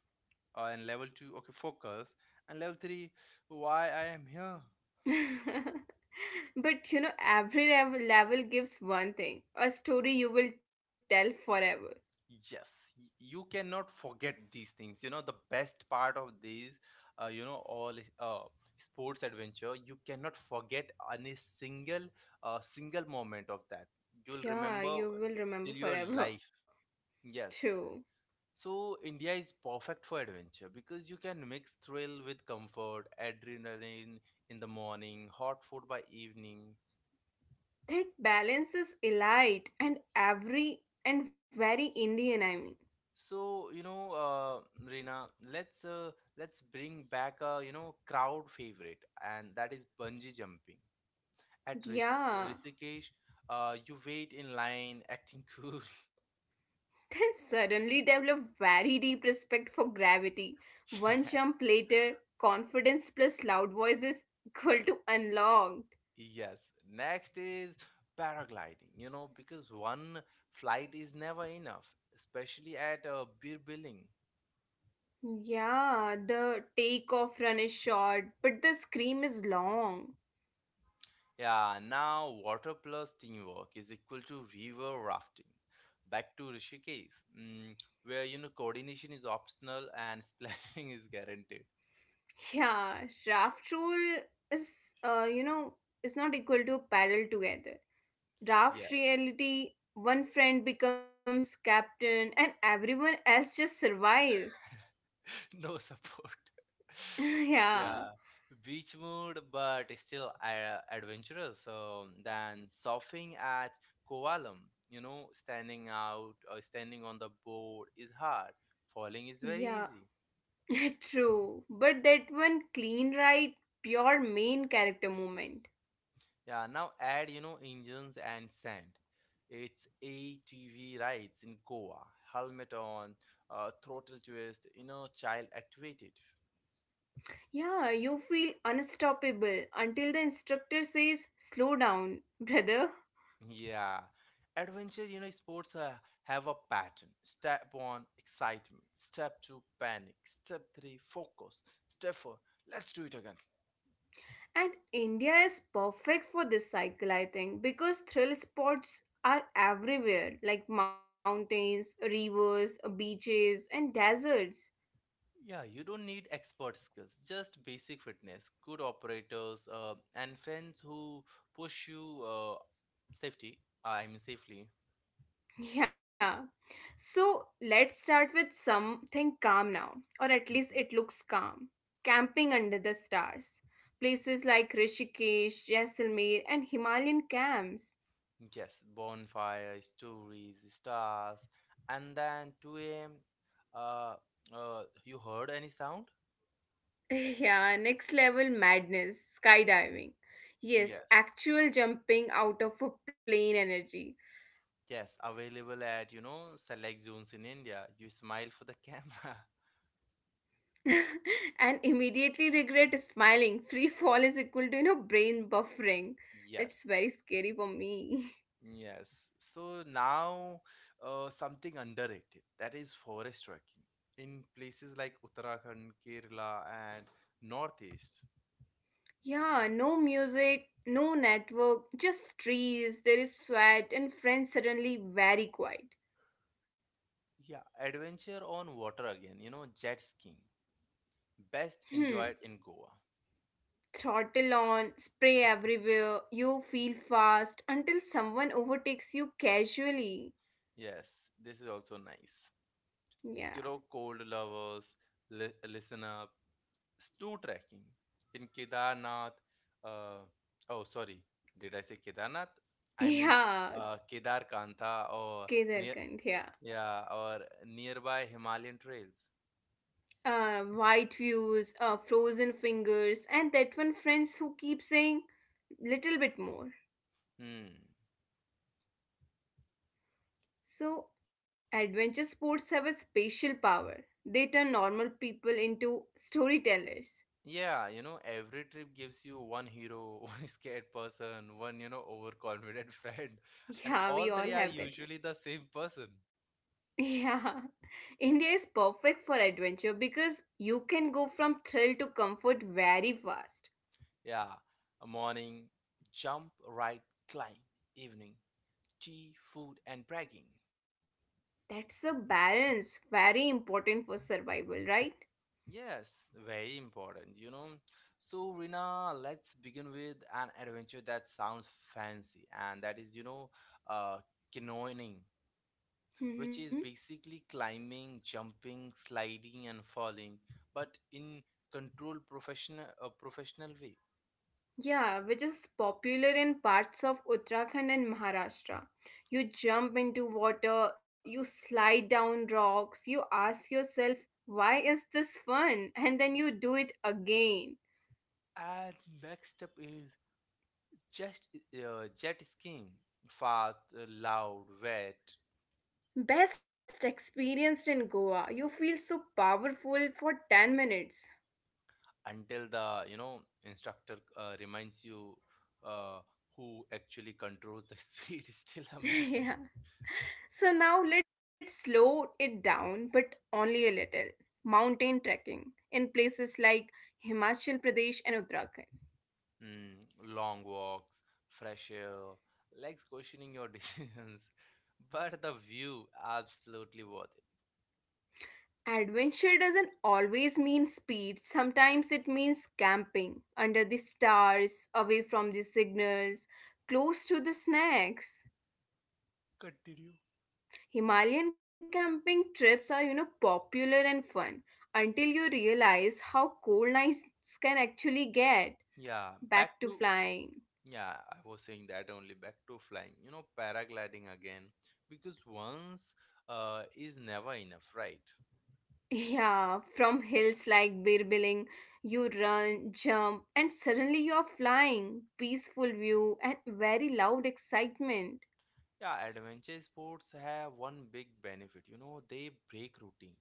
Speaker 1: Uh, and level two, okay, focus. And level three, why I am here.
Speaker 2: [LAUGHS] But you know, every level, level gives one thing, a story you will tell forever.
Speaker 1: Yes, y- you cannot forget these things. You know, the best part of these, uh, you know, all uh, sports adventure, you cannot forget any single, uh, single moment of that. You'll
Speaker 2: Yeah,
Speaker 1: remember
Speaker 2: you will remember
Speaker 1: till your
Speaker 2: forever.
Speaker 1: life.
Speaker 2: [LAUGHS]
Speaker 1: Yes.
Speaker 2: True.
Speaker 1: So India is perfect for adventure because you can mix thrill with comfort, adrenaline in the morning, hot food by evening.
Speaker 2: That balance is elite and every and very Indian, I mean.
Speaker 1: So, you know, uh, Reena, let's uh, let's bring back a, you know, crowd favorite, and that is bungee jumping. At Rishik-
Speaker 2: Yeah,
Speaker 1: Rishikesh, uh, you wait in line, acting cool. [LAUGHS]
Speaker 2: then suddenly develop very deep respect for gravity. One
Speaker 1: Yeah.
Speaker 2: jump later, confidence plus loud voice is equal to unlocked.
Speaker 1: Yes. Next is paragliding, you know, because one flight is never enough, especially at uh, beer billing.
Speaker 2: Yeah, the takeoff run is short, but the scream is long.
Speaker 1: Yeah, now water plus teamwork is equal to river rafting. Back to Rishikesh, mm, where you know coordination is optional and [LAUGHS] splashing is guaranteed.
Speaker 2: Yeah, raft rule is, uh, you know, is not equal to paddle together.
Speaker 1: Yeah,
Speaker 2: Raft reality, one friend becomes captain and everyone else just survives.
Speaker 1: [LAUGHS] no support. [LAUGHS]
Speaker 2: [LAUGHS]
Speaker 1: Yeah,
Speaker 2: Yeah.
Speaker 1: beach mood, but still uh, adventurous. Um, then surfing at Kovalam, you know, standing out or standing on the board is hard. Falling is very
Speaker 2: Yeah,
Speaker 1: easy.
Speaker 2: [LAUGHS] true, but that one clean ride, pure main character moment.
Speaker 1: Yeah, now add, you know, engines and sand. It's A T V rides in Goa, helmet on, uh, throttle twist, you know, child activated.
Speaker 2: Yeah, you feel unstoppable until the instructor says, slow down, [LAUGHS] brother.
Speaker 1: Yeah, adventure, you know, sports uh, have a pattern. Step one, excitement. Step two, panic. Step three, focus. Step four, let's do it again.
Speaker 2: And India is perfect for this cycle, I think, because thrill spots are everywhere like mountains, rivers, beaches, and deserts.
Speaker 1: Yeah, you don't need expert skills, just basic fitness, good operators, uh, and friends who push you uh, safety, I mean safely.
Speaker 2: [LAUGHS] Yeah, so let's start with something calm now, or at least
Speaker 1: Mhm.
Speaker 2: it looks calm. Camping under the stars. Places like Rishikesh, Jaisalmer, and Himalayan camps. [LAUGHS]
Speaker 1: Yes, bonfire, stories, stars, and then two a m. Uh, uh, you heard any sound?
Speaker 2: Yeah, next level madness, skydiving. Yes,
Speaker 1: Yes,
Speaker 2: actual jumping out of a plane energy.
Speaker 1: yes, available at you know select zones in India. You smile for the camera. [LAUGHS]
Speaker 2: [LAUGHS] And immediately regret smiling. Free fall is equal to, you know, brain buffering.
Speaker 1: Yes,
Speaker 2: That's very scary for me. [LAUGHS]
Speaker 1: yes. So now, uh, something underrated, that is forest trekking in places like Uttarakhand, Kerala, and Northeast.
Speaker 2: Yeah, no music, no network, just trees. There is sweat, and friends suddenly very quiet.
Speaker 1: Yeah, adventure on water again, you know, jet skiing, best
Speaker 2: Hmm.
Speaker 1: enjoyed in Goa.
Speaker 2: Throttle on, spray everywhere. You feel fast until someone overtakes you casually.
Speaker 1: Yes, this is also nice.
Speaker 2: Yeah. [LAUGHS]
Speaker 1: You know, cold lovers, li- listen up, snow trekking in Kedarnath. Uh, oh, sorry, did I say Kedarnath? I mean,
Speaker 2: Yeah.
Speaker 1: uh, Kedar Kantha or near,
Speaker 2: Kedarkand, yeah.
Speaker 1: yeah, or nearby Himalayan trails.
Speaker 2: Uh, white views, uh, frozen fingers, and that one friends who keep saying, little bit more.
Speaker 1: Hmm.
Speaker 2: So, adventure sports have a special power. They turn normal people into storytellers.
Speaker 1: Yeah, you know, every trip gives you one hero, [LAUGHS] one scared person, one, you know, overconfident [LAUGHS] friend, and
Speaker 2: [LAUGHS]
Speaker 1: all three
Speaker 2: Yeah,
Speaker 1: are
Speaker 2: we all
Speaker 1: usually
Speaker 2: have that
Speaker 1: the
Speaker 2: one.
Speaker 1: same person.
Speaker 2: [LAUGHS] Yeah. India is perfect for adventure because you can go from thrill to comfort very fast.
Speaker 1: Yeah, morning jump, right climb, evening tea, food, and bragging.
Speaker 2: That's a balance, very important for survival, right?
Speaker 1: Yes, very important, you know. So, Rina, let's begin with an adventure that sounds fancy, and that is, you know, uh, canoeing, which is
Speaker 2: Hmm.
Speaker 1: basically climbing, jumping, sliding, and falling, but in controlled professional, a professional way.
Speaker 2: Yeah, which is popular in parts of Uttarakhand and Maharashtra. You jump into water, you slide down rocks, you ask yourself, why is this fun? [LAUGHS] And then you do it again.
Speaker 1: And next up is just uh, jet skiing, fast, uh, loud, wet,
Speaker 2: Best experienced in Goa. You feel so powerful for ten minutes.
Speaker 1: until the you know instructor uh, reminds you uh, who actually controls the [LAUGHS] speed. Is still
Speaker 2: [LAUGHS]
Speaker 1: amazing.
Speaker 2: Yeah. So now let's slow it down, but only a little. Mountain trekking in places like Himachal Pradesh and Uttarakhand.
Speaker 1: Mm, long walks, fresh air, legs questioning your [LAUGHS] decisions, but the view absolutely worth it.
Speaker 2: Adventure doesn't always mean speed. Sometimes it means camping under the stars, away from the signals, close to the snacks.
Speaker 1: Continue.
Speaker 2: Himalayan camping trips are, you know, popular and fun until you realize how cold nights can actually get.
Speaker 1: Yeah, back
Speaker 2: Back to
Speaker 1: to.
Speaker 2: flying. [LAUGHS]
Speaker 1: Yeah, I was saying that only back to flying, you know, paragliding again, because once uh, is never enough, right?
Speaker 2: Yeah, from hills like Birbiling, you run, jump, and suddenly you're flying. Peaceful view and very loud excitement.
Speaker 1: Yeah, adventure sports have one big benefit, you know, they break routine.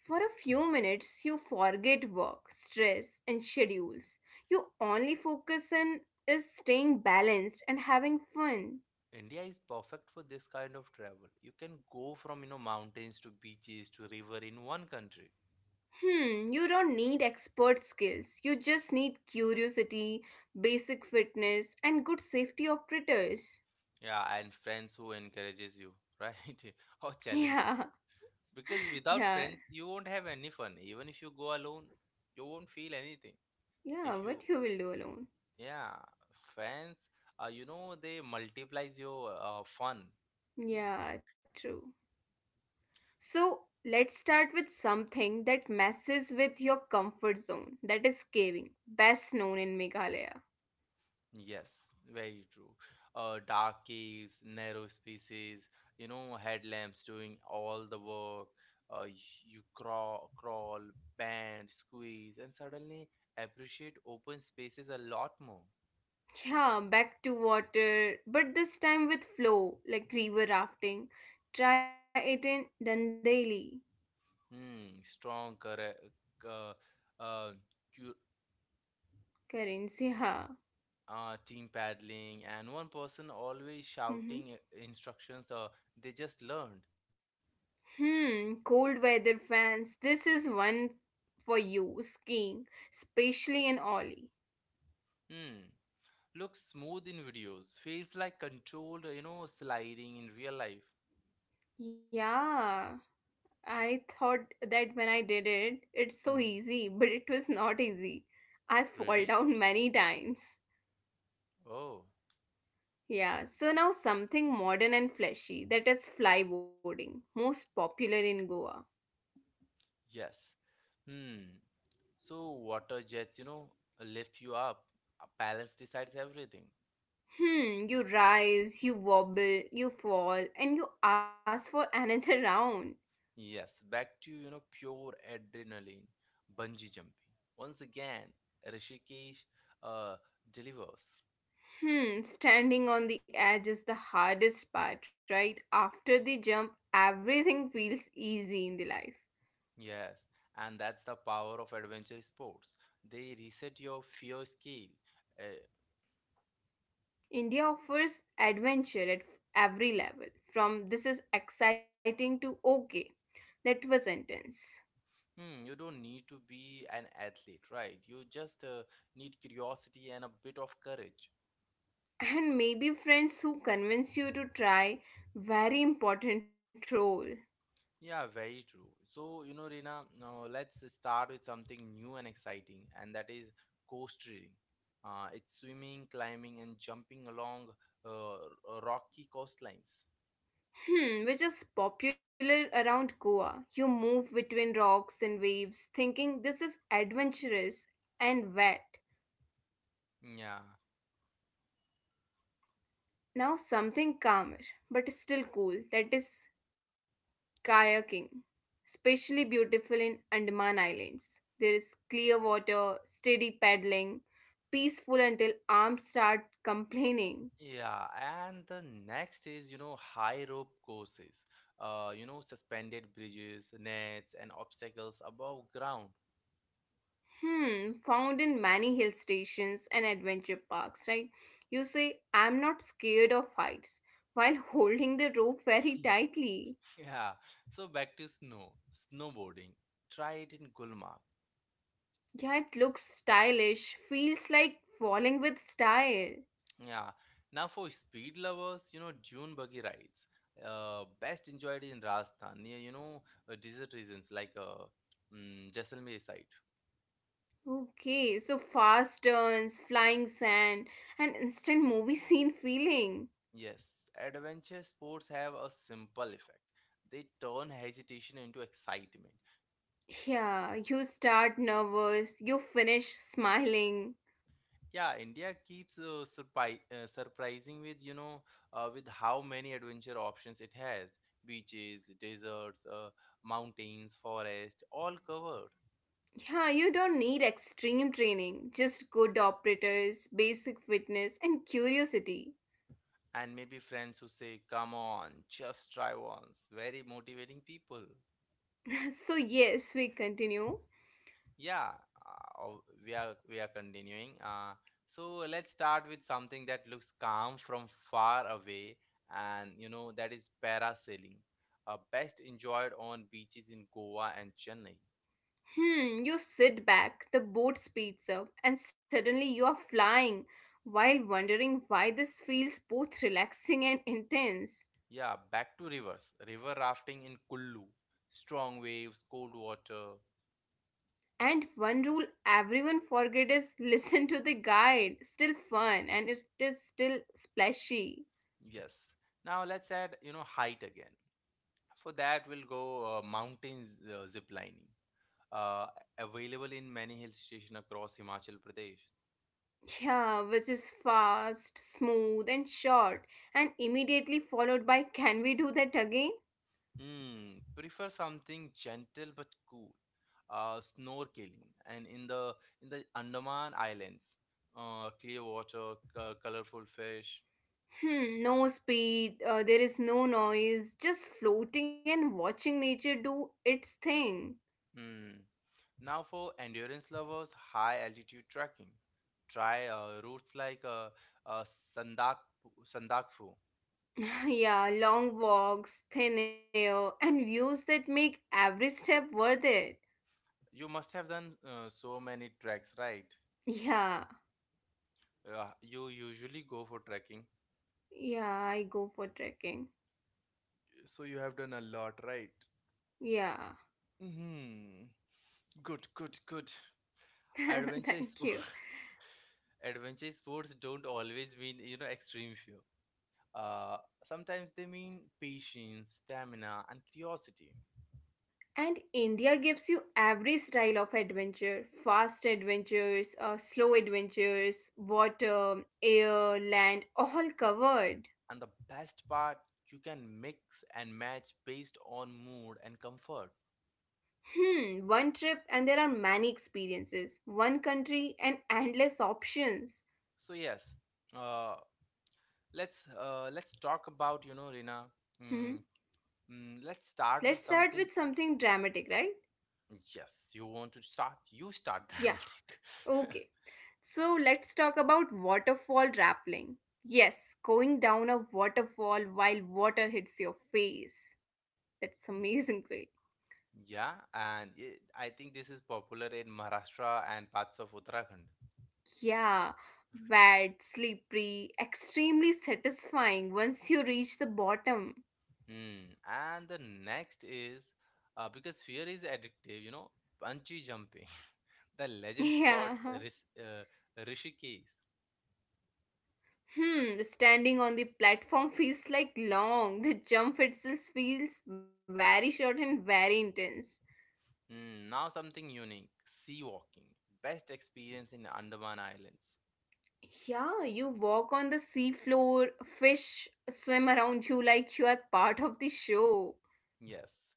Speaker 2: For a few minutes, you forget work, stress, and schedules. You only focus on is staying balanced and having fun.
Speaker 1: India is perfect for this kind of travel. You can go from, you know, mountains to beaches to river in one country.
Speaker 2: Hmm, you don't need expert skills. You just need curiosity, basic fitness, and good safety operators. [LAUGHS]
Speaker 1: Yeah, and friends who encourages you, right? [LAUGHS] Or challenge you.
Speaker 2: Yeah,
Speaker 1: Because without
Speaker 2: yeah,
Speaker 1: friends, you won't have any fun. Even if you go alone, you won't feel anything if
Speaker 2: yeah,
Speaker 1: you.
Speaker 2: what you will do alone.
Speaker 1: Yeah, fans, uh, you know, they multiplies your uh, fun.
Speaker 2: Yeah, true. So let's start with something that messes with your comfort zone, that is caving, best known in Meghalaya.
Speaker 1: Yes, very true. Uh, dark caves, narrow spaces, you know, headlamps doing all the work. Uh, y- you crawl, crawl, bend, squeeze, and suddenly appreciate open spaces a lot more.
Speaker 2: Yeah, back to water, but this time with flow, like river rafting. Try it in Dandeli,
Speaker 1: Hmm, strong, correct, uh, uh, cu-
Speaker 2: currency. Ha.
Speaker 1: uh, team paddling, and one person always shouting
Speaker 2: Mhm.
Speaker 1: uh, instructions. Uh, they just learned.
Speaker 2: Hmm, cold weather fans, this is one for you, skiing, especially in Ollie.
Speaker 1: Hmm. Looks smooth in videos. Feels like controlled, you know, sliding in real life.
Speaker 2: Yeah, I thought that when I did it, it's so
Speaker 1: Hmm.
Speaker 2: easy, [LAUGHS] but it was not easy. I fall
Speaker 1: Really?
Speaker 2: down many times.
Speaker 1: Oh,
Speaker 2: Yeah, so now something modern and fleshy, that is flyboarding, most popular in Goa.
Speaker 1: yes. Hmm. So water jets, you know, lift you up. A balance decides everything.
Speaker 2: Hmm, you rise, you wobble, you fall, and you ask for another [LAUGHS] round.
Speaker 1: Yes, back to, you know, pure adrenaline. Bungee jumping. Once again, Rishikesh uh, delivers.
Speaker 2: Hmm, standing on the edge is the hardest part, right? After the jump, everything feels easy in the life.
Speaker 1: Yes, and that's the power of adventure sports. They reset your fear scale. Uh,
Speaker 2: India offers adventure at f- every level, from this is exciting to okay, that was intense.
Speaker 1: hmm, you don't need to be an athlete, right? You just uh, need curiosity and a bit of courage.
Speaker 2: And maybe friends who convince you to try, very important role.
Speaker 1: Yeah, very true. So, you know, Reena, uh, let's start with something new and exciting, and that is coast reading. Uh, it's swimming, climbing, and jumping along uh, r- rocky coastlines.
Speaker 2: Hmm, which is popular around Goa. You move between rocks and waves thinking this is adventurous and wet.
Speaker 1: Yeah,
Speaker 2: Now something calmer but still cool, that is kayaking, especially beautiful in Andaman Islands. There is clear water, steady paddling, peaceful until arms start complaining.
Speaker 1: yeah. And the next is, you know, high rope courses. Uh, you know, suspended bridges, nets, and obstacles above ground.
Speaker 2: Hmm, found in many hill stations and adventure parks, right? You say, I'm not scared of heights, while [LAUGHS] holding the rope very tightly.
Speaker 1: Yeah, so back to snow, snowboarding. Try it in Gulmarg.
Speaker 2: Yeah, it looks stylish, feels like falling with style.
Speaker 1: Yeah, now for speed lovers, you know, dune buggy rides. Uh, best enjoyed in Rajasthan near, you know, uh, desert regions like uh, mm, Jaisalmer side.
Speaker 2: Okay, so fast turns, flying sand, and instant movie [LAUGHS] scene feeling.
Speaker 1: Yes, adventure sports have a simple effect. They turn hesitation into excitement.
Speaker 2: Yeah, you start nervous, you finish smiling.
Speaker 1: Yeah, India keeps uh, surpri- uh, surprising with you know uh, with how many adventure options it has. Beaches, deserts, uh, mountains, forest, all covered.
Speaker 2: Yeah, you don't need extreme training, just good operators, basic fitness, and curiosity.
Speaker 1: And maybe friends who say, "Come on, just try once." Very motivating people.
Speaker 2: [LAUGHS] So, yes, we continue.
Speaker 1: Yeah, uh, oh, we are we are continuing. Uh, so let's start with something that looks calm from far away, and you know that is parasailing, uh, best enjoyed on beaches in Goa and Chennai.
Speaker 2: Hmm, you sit back, the boat speeds up, and suddenly you are flying while wondering why this feels both relaxing and intense.
Speaker 1: Yeah, back to rivers. River rafting in Kullu. Strong waves, cold water.
Speaker 2: And one rule everyone forget is [LAUGHS] listen to the guide. Still fun and it is still splashy.
Speaker 1: Yes. Now let's add, you know, height again. For that, we'll go uh, mountains uh, zip lining. Uh, available in many hill stations across Himachal Pradesh.
Speaker 2: Yeah, which is fast, smooth, and short, and immediately followed by, can we do that again?
Speaker 1: Hmm. Prefer something gentle but cool. Uh, snorkeling and in the in the Andaman Islands, uh, clear water, c- colorful fish.
Speaker 2: Hmm, no speed, uh, there is no noise, just floating and watching nature do its thing.
Speaker 1: Mm. Now, for endurance lovers, high altitude trekking. Try uh, routes like uh, uh, Sandak, Sandakfu.
Speaker 2: [LAUGHS] Yeah, long walks, thin air, and views that make every step worth it.
Speaker 1: You must have done uh, so many treks, right?
Speaker 2: Yeah,
Speaker 1: Uh, you usually go for trekking,
Speaker 2: yeah, I go for trekking.
Speaker 1: so you have done a lot, right?
Speaker 2: Yeah,
Speaker 1: Hmm. Good, good, good.
Speaker 2: [LAUGHS]
Speaker 1: Adventure
Speaker 2: thank you.
Speaker 1: sport. [LAUGHS] Adventure sports don't always mean, you know, extreme fear. Uh, sometimes they mean patience, stamina, and curiosity.
Speaker 2: And India gives you every style of adventure, fast adventures, uh, slow adventures, water, air, land, all covered.
Speaker 1: And the best part, you can mix and match based on mood and comfort.
Speaker 2: Hmm, one trip and there are many experiences, one country and endless options.
Speaker 1: So yes, uh, let's uh, let's talk about you know Rina. Mm,
Speaker 2: Hmm,
Speaker 1: mm, let's start with
Speaker 2: let's start
Speaker 1: something.
Speaker 2: with something dramatic, right?
Speaker 1: Yes, you want to start. You start [LAUGHS]
Speaker 2: Yeah,
Speaker 1: dramatic.
Speaker 2: okay. So let's talk about waterfall rappelling. Yes, going down a waterfall while water hits your face. That's amazing, [LAUGHS] way.
Speaker 1: Yeah, and it, I think this is popular in Maharashtra and parts of Uttarakhand.
Speaker 2: Yeah, wet, slippery, extremely satisfying once you reach the bottom. [LAUGHS]
Speaker 1: Hmm. And the next is uh, because fear is addictive, you know, bungee jumping, [LAUGHS] the legend spot
Speaker 2: Yeah.
Speaker 1: Ris- uh, Rishikesh.
Speaker 2: Hmm, standing on the platform feels like long. The jump itself feels very short and very intense.
Speaker 1: Hmm. Now something unique, sea walking, best experience in Andaman Islands.
Speaker 2: Yeah, you walk on the sea floor, fish swim around you like you are part of the show.
Speaker 1: Yes.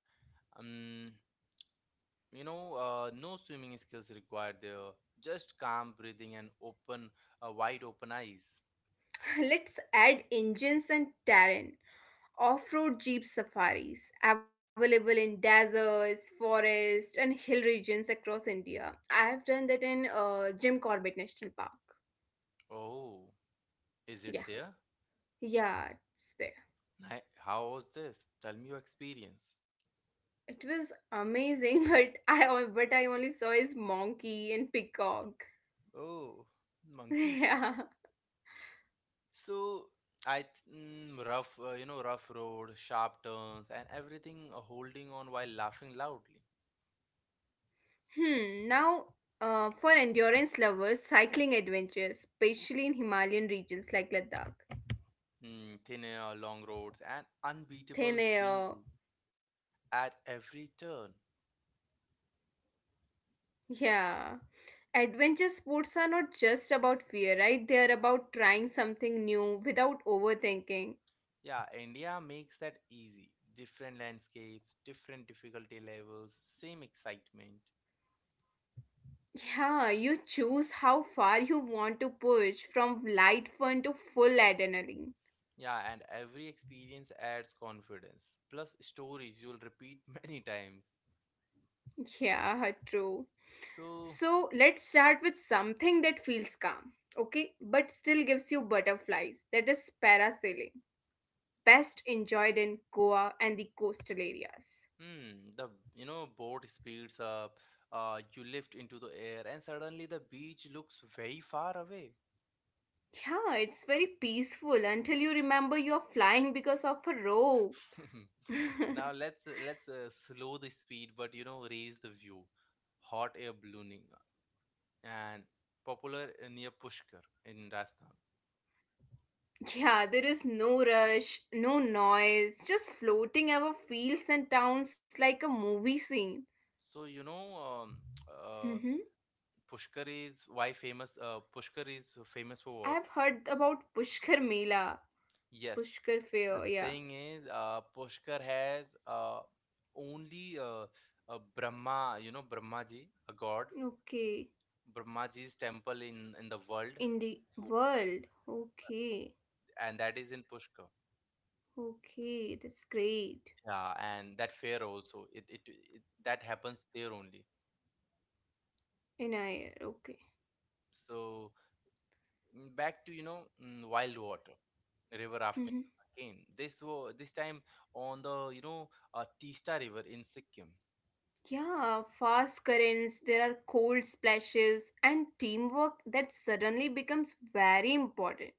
Speaker 1: Um, you know, uh, no swimming skills required there, just calm breathing and open, uh, wide open eyes.
Speaker 2: Let's add engines and terrain. Off-road jeep safaris available in deserts, forests, and hill regions across India. I have done that in uh, Jim Corbett National Park.
Speaker 1: Oh, is it there?
Speaker 2: Yeah, yeah, it's there.
Speaker 1: Ni- How was this? Tell me your experience.
Speaker 2: It was amazing, [LAUGHS] but I on- but I only saw his monkey and peacock.
Speaker 1: Oh, monkeys.
Speaker 2: [LAUGHS] Yeah.
Speaker 1: So I th- mm, rough, uh, you know, rough road, sharp turns, and everything uh, holding on while laughing loudly.
Speaker 2: Hmm. Now, uh, for endurance lovers, cycling adventures, especially in Himalayan regions like Ladakh.
Speaker 1: Mm, thin air, long roads, and unbeatable
Speaker 2: Thin air.
Speaker 1: scenery at every turn.
Speaker 2: Yeah. Adventure sports are not just about fear, right? They are about trying something new without overthinking.
Speaker 1: Yeah, India makes that easy. Different landscapes, different difficulty levels, same excitement.
Speaker 2: Yeah, you choose how far you want to push, from light fun to full adrenaline.
Speaker 1: Yeah, and every experience adds confidence. Plus, stories you'll repeat [LAUGHS] many times.
Speaker 2: Yeah, true.
Speaker 1: So,
Speaker 2: So let's start with something that feels calm, okay, but still gives you butterflies. That is parasailing, best enjoyed in Goa and the coastal areas.
Speaker 1: hmm, the you know boat speeds up, uh, you lift into the air, and suddenly the beach looks very far away.
Speaker 2: Yeah, it's very peaceful until you remember you're flying because of a rope.
Speaker 1: [LAUGHS] Now
Speaker 2: [LAUGHS]
Speaker 1: let's let's uh, slow the speed, but you know raise the view. Hot air ballooning and popular near Pushkar in Rajasthan.
Speaker 2: Yeah, there is no rush, no noise, just floating over fields and towns like a movie scene.
Speaker 1: So you know um, uh,
Speaker 2: Hmm.
Speaker 1: Pushkar is why famous. Uh, Pushkar is famous for what?
Speaker 2: I've heard about Pushkar Mela,
Speaker 1: Yes.
Speaker 2: Pushkar
Speaker 1: The
Speaker 2: Fair, yeah.
Speaker 1: thing is, uh, Pushkar has uh, only uh, a Brahma, you know, Brahmaji, a god,
Speaker 2: Okay.
Speaker 1: Brahmaji's temple in, in the world,
Speaker 2: In the world. Okay.
Speaker 1: and that is in Pushkar.
Speaker 2: Okay, that's great.
Speaker 1: Yeah, and that fair also, it, it, it that happens there only.
Speaker 2: In air, okay.
Speaker 1: So mm, back to, you know, mm, wild water, river after
Speaker 2: [LAUGHS]
Speaker 1: again. This was this time on the, you know, uh, Teesta River in Sikkim.
Speaker 2: Yeah, fast currents, there are cold splashes, and teamwork that suddenly becomes very important.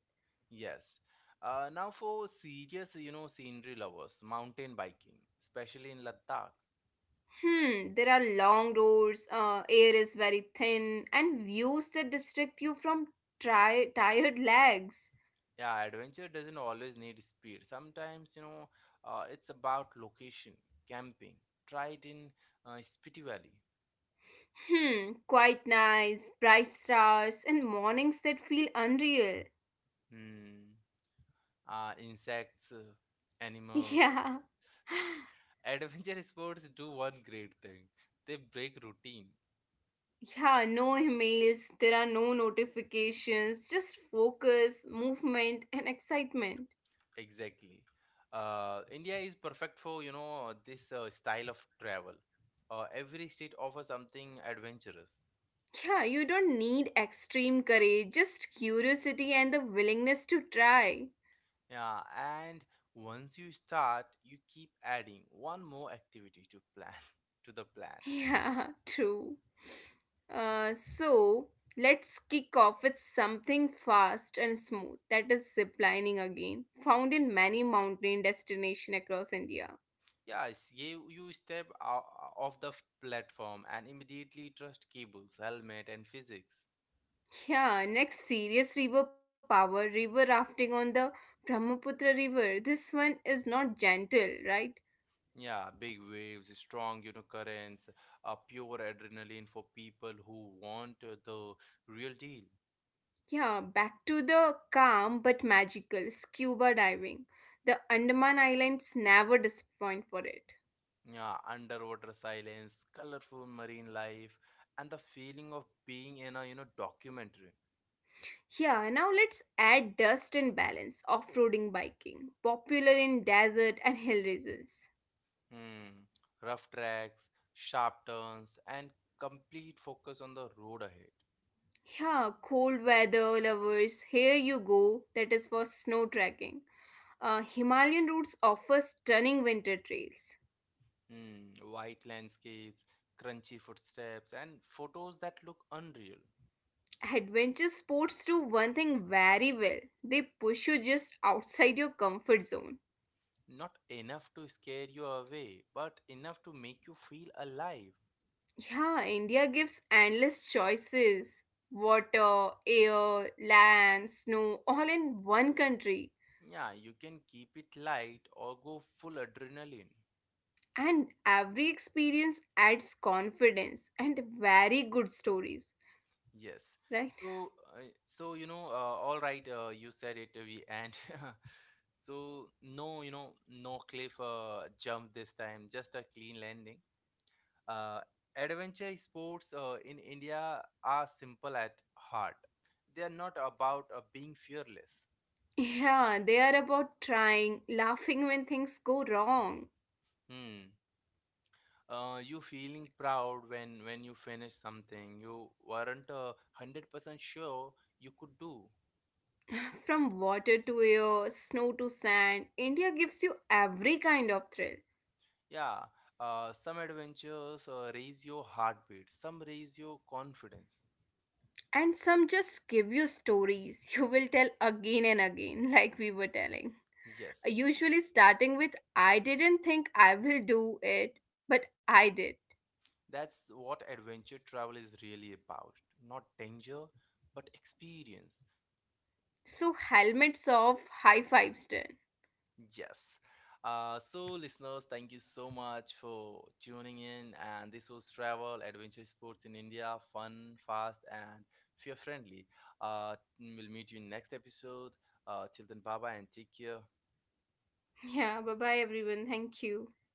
Speaker 1: Yes. Uh, now for serious, you know, scenery lovers, mountain biking, especially in Ladakh.
Speaker 2: Hmm, there are long roads, uh, air is very thin, and views that distract you from tri- tired legs.
Speaker 1: Yeah, adventure doesn't always need speed. Sometimes, you know, uh, it's about location, camping. Try it in uh, Spiti Valley.
Speaker 2: Hmm, quite nice, bright stars, and mornings that feel unreal.
Speaker 1: Hmm. Uh, insects, uh,
Speaker 2: [LAUGHS]
Speaker 1: animals.
Speaker 2: Yeah.
Speaker 1: [LAUGHS] Adventure sports do one great thing. They break routine.
Speaker 2: Yeah, no emails, there are no notifications, just focus, movement, and excitement.
Speaker 1: Exactly. Uh, India is perfect for, you know, this uh, style of travel. Uh, every state offers something adventurous.
Speaker 2: Yeah, you don't need extreme courage, just curiosity and the willingness to try. [LAUGHS]
Speaker 1: Yeah, and once you start, you keep adding one more activity to plan [LAUGHS] to the plan.
Speaker 2: Yeah, true. Uh, so let's kick off with something fast and smooth. That is ziplining again, found in many mountain destinations across India.
Speaker 1: Yes, you, you step out off the f- platform and immediately trust cables, helmet, and physics.
Speaker 2: Yeah, next serious river power, river rafting on the Brahmaputra River. This one is not gentle, right?
Speaker 1: Yeah, big waves, strong, you know, currents, uh, pure adrenaline for people who want uh, the real deal.
Speaker 2: Yeah, back to the calm but magical scuba diving. The Andaman Islands never disappoint for it.
Speaker 1: Yeah, underwater silence, colorful marine life, and the feeling of being in a, you know, documentary.
Speaker 2: Yeah, now let's add dust and balance, off-roading biking, popular in desert and hill regions.
Speaker 1: Hmm. Rough tracks, sharp turns, and complete focus on the road ahead.
Speaker 2: Yeah, cold weather lovers, here you go. That is for snow trekking. Uh, Himalayan routes offer stunning winter trails.
Speaker 1: Hmm. White landscapes, crunchy footsteps, and photos that look unreal.
Speaker 2: Adventure sports do one thing very well. They push you just outside your comfort zone.
Speaker 1: Not enough to scare you away, but enough to make you feel alive.
Speaker 2: Yeah, India gives endless choices, water, air, land, snow, all in one country.
Speaker 1: Yeah, you can keep it light or go full adrenaline.
Speaker 2: And every experience adds confidence and very good stories,
Speaker 1: Yes.
Speaker 2: right? [LAUGHS]
Speaker 1: So, uh, so you know, uh, all right, uh, you said it, we and [LAUGHS] so no, you know, no cliff uh, jump this time, just a clean landing. Uh, adventure sports uh, in India are simple at heart. They are not about uh, being fearless.
Speaker 2: Yeah, they are about trying, laughing when things go wrong.
Speaker 1: Hmm. Uh, you feeling proud when when you finish something you weren't a one hundred percent sure you could do.
Speaker 2: [SIGHS] From water to air, snow to sand, India gives you every kind of thrill.
Speaker 1: Yeah, uh, some adventures uh, raise your heartbeat, some raise your confidence.
Speaker 2: And some just give you stories you will tell again and again, [LAUGHS] like we were telling.
Speaker 1: Yes,
Speaker 2: Usually starting with, I didn't think I will do it, but I did.
Speaker 1: that's what adventure travel is really about. Not danger, but experience.
Speaker 2: So helmets off, high fives done.
Speaker 1: Yes. Uh, so, listeners, thank you so much for tuning in. And this was Travel Adventure Sports in India fun, fast, and fear friendly. Uh, we'll meet you in next episode. Uh, till then, bye bye and take care.
Speaker 2: Yeah, bye bye everyone. Thank you.